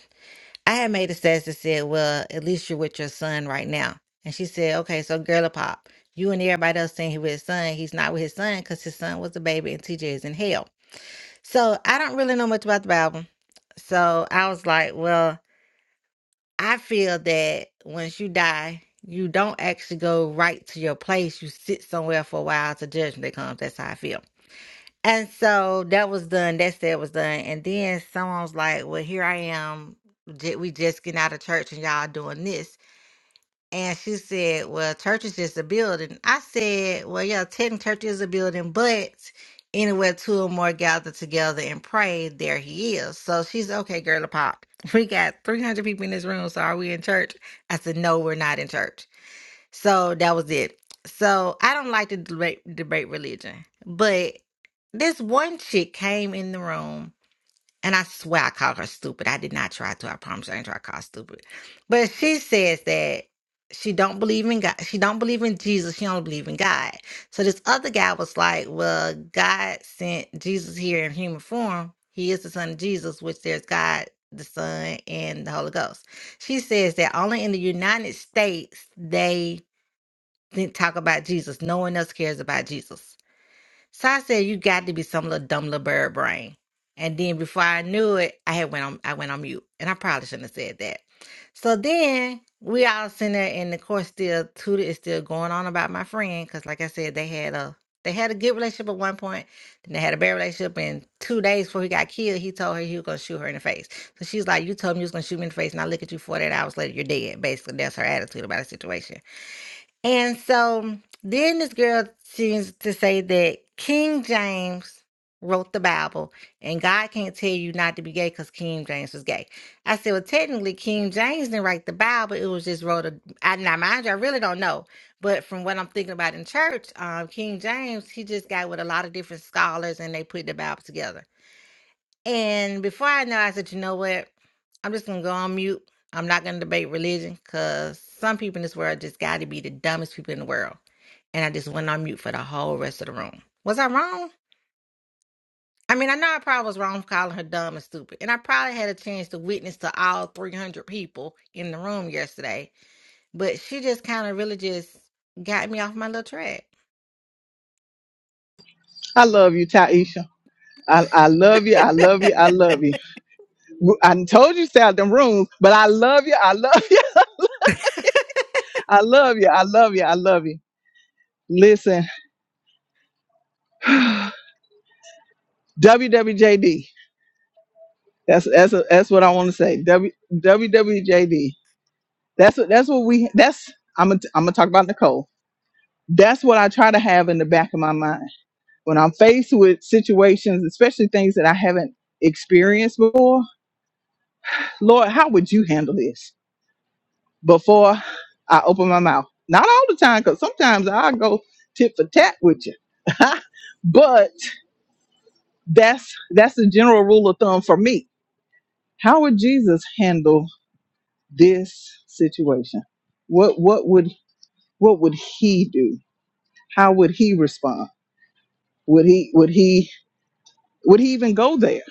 S10: I had made a status that said, "Well, at least you're with your son right now." And she said, "Okay, so girl, pop, you and everybody else saying he with his son. He's not with his son because his son was a baby, and TJ is in hell." So I don't really know much about the Bible. So I was like, "Well, I feel that once you die, you don't actually go right to your place. You sit somewhere for a while till judgment comes. That's how I feel. And so that was done. That said was done. And then someone was like, "Well, here I am. ju- We just getting out of church, and y'all doing this." And she said, Well, church is just a building. I said, Well, yeah, ten church is a building, but anywhere two or more gather together and pray, there he is. So she's okay, girl pop. We got three hundred people in this room, so are we in church? I said, No, we're not in church. So that was it. So I don't like to debate debate religion. But this one chick came in the room and I swear I called her stupid. I did not try to. I promise you I didn't try to call her stupid. But she says that she don't believe in God. She don't believe in Jesus. She don't believe in God. So this other guy was like, well, God sent Jesus here in human form. He is the son of Jesus, which there's God, the Son, and the Holy Ghost. She says that only in the United States they didn't talk about Jesus. No one else cares about Jesus. So I said, "You got to be some little dumb little bird brain." And then before I knew it, I had went on. I went on mute, and I probably shouldn't have said that. So then we all sitting there, and the course still Tudor is still going on about my friend because, like I said, they had a they had a good relationship at one point, then they had a bad relationship. And two days before he got killed, he told her he was gonna shoot her in the face. So she's like, "You told me you was gonna shoot me in the face, and I look at you 48 hours later, you're dead." Basically, that's her attitude about the situation. And so then this girl seems to say that King James wrote the Bible and God can't tell you not to be gay because King James was gay. I said, well, technically, King James didn't write the Bible. It was just wrote a, I, now mind you, I really don't know. But from what I'm thinking about in church, um, King James, he just got with a lot of different scholars and they put the Bible together. And before I know, I said, you know what? I'm just gonna go on mute. I'm not gonna debate religion because some people in this world just got to be the dumbest people in the world. And I just went on mute for the whole rest of the room. Was I wrong? I mean, I know I probably was wrong for calling her dumb and stupid, and I probably had a chance to witness to all 300 people in the room yesterday. But she just kind of really just got me off my little track.
S1: I love you, Taisha. I, I love you. I love you. I love you. I told you to stay out them rooms, but I love you. I love you. I love you. I love you. I love you. Listen, WWJD. That's that's that's what I want to say. W, WWJD. That's what that's what we that's I'm gonna I'm gonna talk about Nicole. That's what I try to have in the back of my mind when I'm faced with situations, especially things that I haven't experienced before. Lord, how would you handle this before I open my mouth? Not all the time, because sometimes I go tit for tat with you. but that's that's the general rule of thumb for me. How would Jesus handle? this situation what what would what would he do how would he respond would he would he would he even go there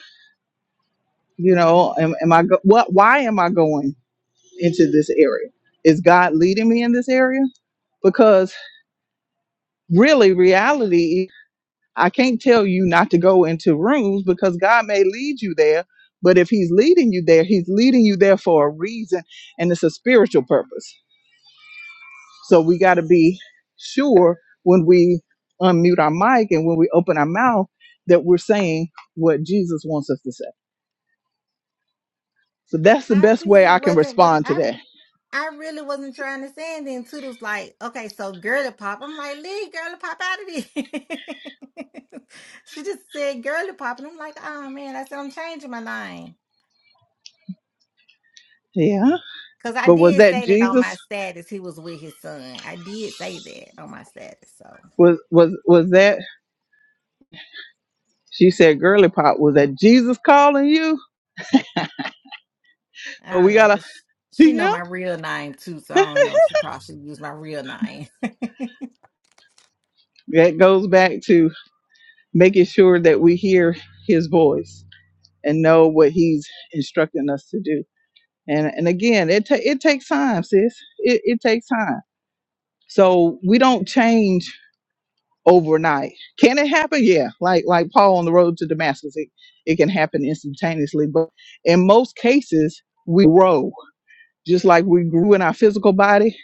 S1: you know am, am i go- what why am i going into this area is god leading me in this area because really reality i can't tell you not to go into rooms because god may lead you there but if he's leading you there he's leading you there for a reason and it's a spiritual purpose So we got to be sure when we unmute our mic and when we open our mouth that we're saying what Jesus wants us to say. So that's the
S10: I
S1: best way
S10: really
S1: I can
S10: wasn't what
S1: respond to
S10: I
S1: that.
S10: I really wasn't trying to say. And then Toodles like, okay, so girly pop. I'm like, leave girly pop out of this. she just said girly pop, and I'm like, oh man. I said I'm changing my name
S1: Yeah.
S10: because I
S1: But was
S10: did
S1: that
S10: say that on
S1: Jesus?
S10: my status. He was with his son. I did say that on my status. So
S1: Was was was that she said girly pop, was that Jesus calling you? So
S10: I don't
S1: We
S10: know
S1: gotta
S10: because she know
S1: yeah.
S10: my real name too. So I don't know. She probably should use my real name.
S1: That goes back to making sure that we hear his voice and know what he's instructing us to do. And and again, it ta- it takes time, sis. It it takes time. So we don't change overnight. Can it happen? Yeah. Like like Paul on the road to Damascus, it, it can happen instantaneously. But in most cases, we grow just like we grew in our physical body.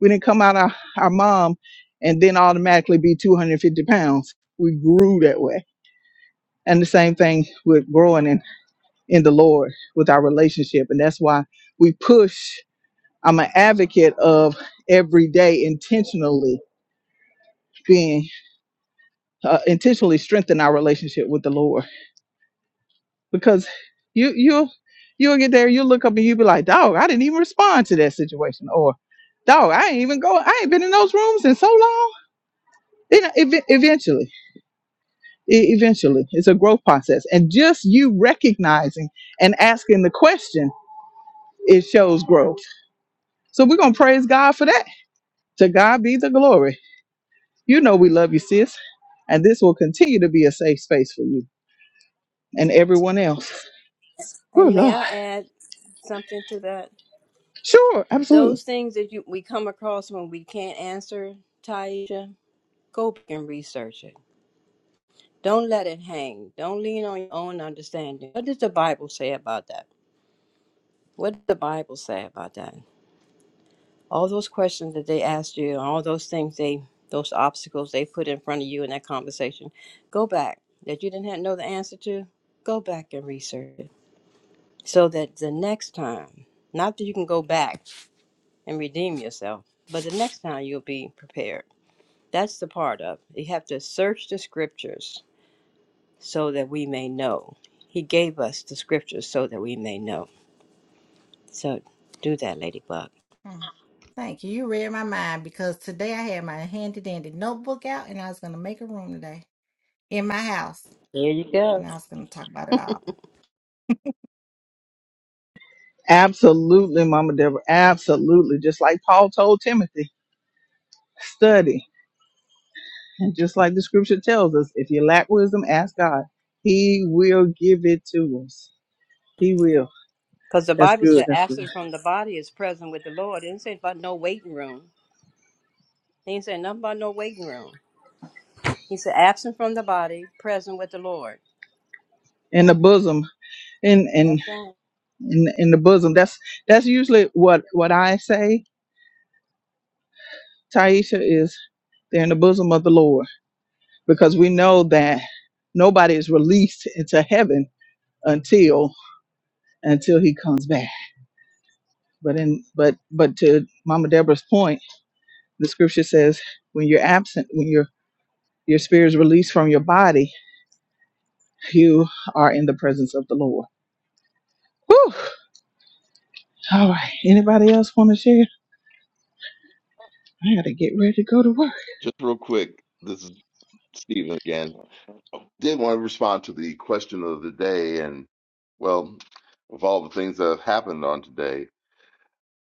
S1: We didn't come out of our mom and then automatically be 250 pounds. We grew that way. And the same thing with growing in, in the Lord with our relationship. And that's why we push. I'm an advocate of every day intentionally being uh, intentionally strengthen our relationship with the Lord because you you'll you'll get there you'll look up and you'll be like dog I didn't even respond to that situation or dog I ain't even go I ain't been in those rooms in so long you know, ev- eventually, e- eventually, it's a growth process, and just you recognizing and asking the question, it shows growth. So we're gonna praise God for that. To God be the glory. You know we love you, sis, and this will continue to be a safe space for you and everyone else. Oh
S11: And may
S1: Lord,
S11: I add something to that?
S1: sure, absolutely,
S11: Those things that you we come across when we can't answer, Taisha, go back and research it. Don't let it hang. Don't lean on your own understanding. What does the Bible say about that? What does the Bible say about that? All those questions that they asked you, and all those things they, those obstacles they put in front of you in that conversation, go back that you didn't have, know the answer to. Go back and research it so that the next time, not that you can go back and redeem yourself, but the next time you'll be prepared. That's the part of it. You have to search the scriptures so that we may know. He gave us the scriptures so that we may know. So do that, Ladybug.
S10: Mm. Thank you. You read my mind because today I had my handy dandy notebook out and I was going to make a room today in my house.
S11: There you go.
S10: And I was going to talk about it all.
S1: absolutely, Mama Deborah, absolutely. Just like Paul told Timothy, study, and just like the Scripture tells us, if you lack wisdom, ask God. He will give it to us. He will.
S11: Because the
S1: That's
S11: Bible
S1: good.
S11: said,
S1: That's good.
S11: absent from the body is present with the Lord. It didn't say about no waiting room. He didn't say nothing about no waiting room. He said, absent from the body, present with the Lord.
S1: In the bosom, in in
S11: That's right.
S1: in in the bosom. That's that's usually what what I say. Taisha is they're in the bosom of the Lord because we know that nobody is released into heaven until until He comes back. But in but but to Mama Deborah's point, the Scripture says when you're absent, when your your spirit is released from your body, you are in the presence of the Lord. Whew. All right. Anybody else want to share? I gotta get ready to go to work.
S9: Just real quick, this is Stephen again. Did want to respond to the question of the day, and well, of all the things that have happened on today,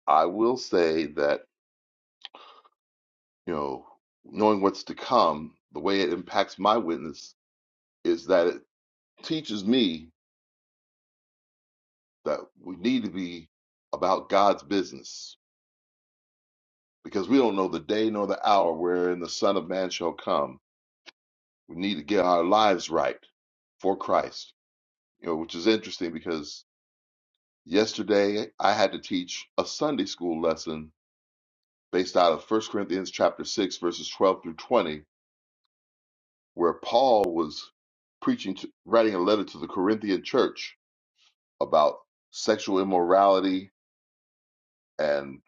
S9: I will say that you know, knowing what's to come, the way it impacts my witness is that it teaches me that we need to be about God's business because we don't know the day nor the hour wherein the Son of Man shall come. We need to get our lives right for Christ. You know, which is interesting because Yesterday, I had to teach a Sunday school lesson based out of First Corinthians chapter 6 verses 12 through 20, where Paul was preaching to, writing a letter to the Corinthian church about sexual immorality and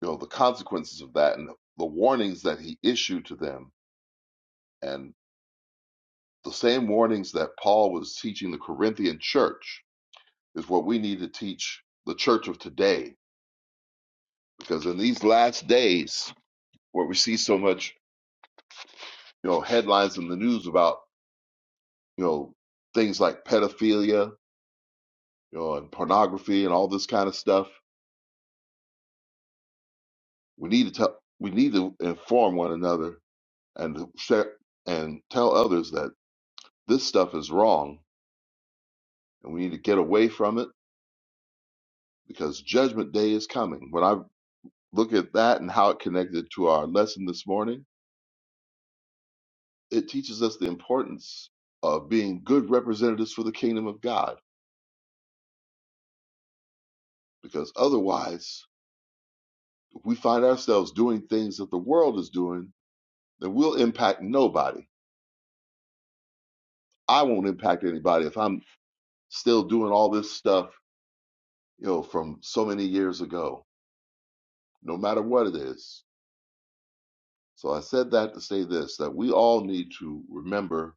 S9: you know the consequences of that and the warnings that he issued to them and the same warnings that Paul was teaching the Corinthian church is what we need to teach the church of today because in these last days where we see so much you know, headlines in the news about, you know, things like pedophilia, you know, and pornography and all this kind of stuff. We need to tell, we need to inform one another and to share and tell others that this stuff is wrong and we need to get away from it because judgment day is coming. When I look at that and how it connected to our lesson this morning, it teaches us the importance of being good representatives for the kingdom of God because otherwise if we find ourselves doing things that the world is doing that will impact nobody. I won't impact anybody if I'm still doing all this stuff, you know, from so many years ago, no matter what it is. So I said that to say this that we all need to remember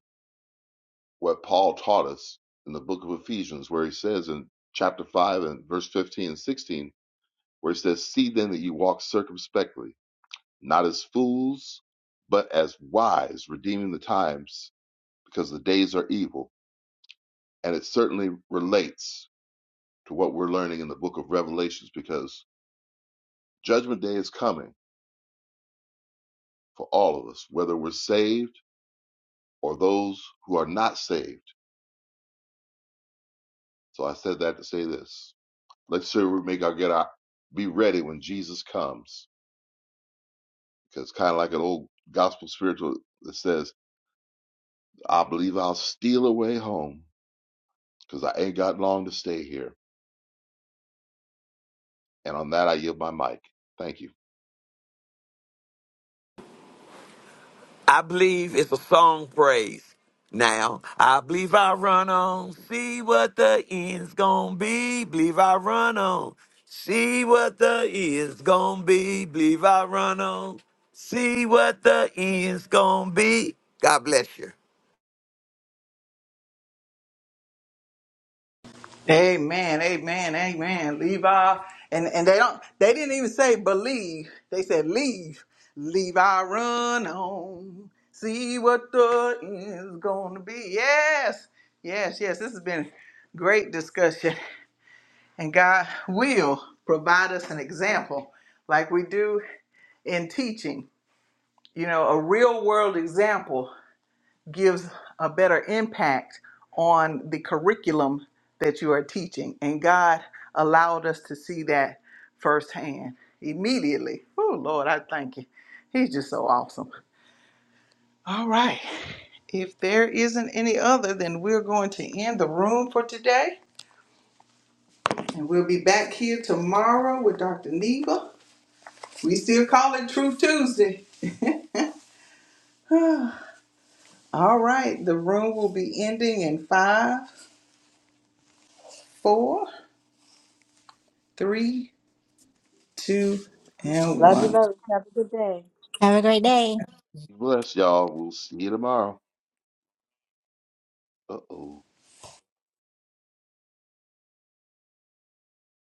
S9: what Paul taught us in the book of Ephesians, where he says in chapter 5 and verse 15 and 16, where he says, See then that you walk circumspectly, not as fools, but as wise, redeeming the times, because the days are evil. And it certainly relates to what we're learning in the book of Revelations because judgment day is coming for all of us, whether we're saved or those who are not saved. So I said that to say this. Let's sure we make our get our be ready when Jesus comes. Because kind of like an old gospel spiritual that says, I believe I'll steal away home because I ain't got long to stay here. And on that, I yield my mic. Thank you.
S4: I believe it's a song praise. Now, I believe I run on, see what the end's gonna be. Believe I run on, see what the end's gonna be. Believe I run on, see what the end's gonna be. God bless you.
S1: Amen, amen, amen. Levi, and and they don't, they didn't even say believe. They said leave. Levi, run on. See what the end's gonna be. Yes, yes, yes. This has been great discussion, and God will provide us an example, like we do in teaching. You know, a real world example gives a better impact on the curriculum that you are teaching. And God allowed us to see that firsthand immediately. Oh, Lord, I thank you. He's just so awesome. All right. If there isn't any other, then we're going to end the room for today. And we'll be back here tomorrow with Dr. Neva. We still call it True Tuesday. All right. The room will be ending in five, four, three, two, and
S11: Love you,
S1: one.
S11: love. Have a good day.
S10: Have a great day.
S9: Bless y'all. We'll see you tomorrow. Uh oh.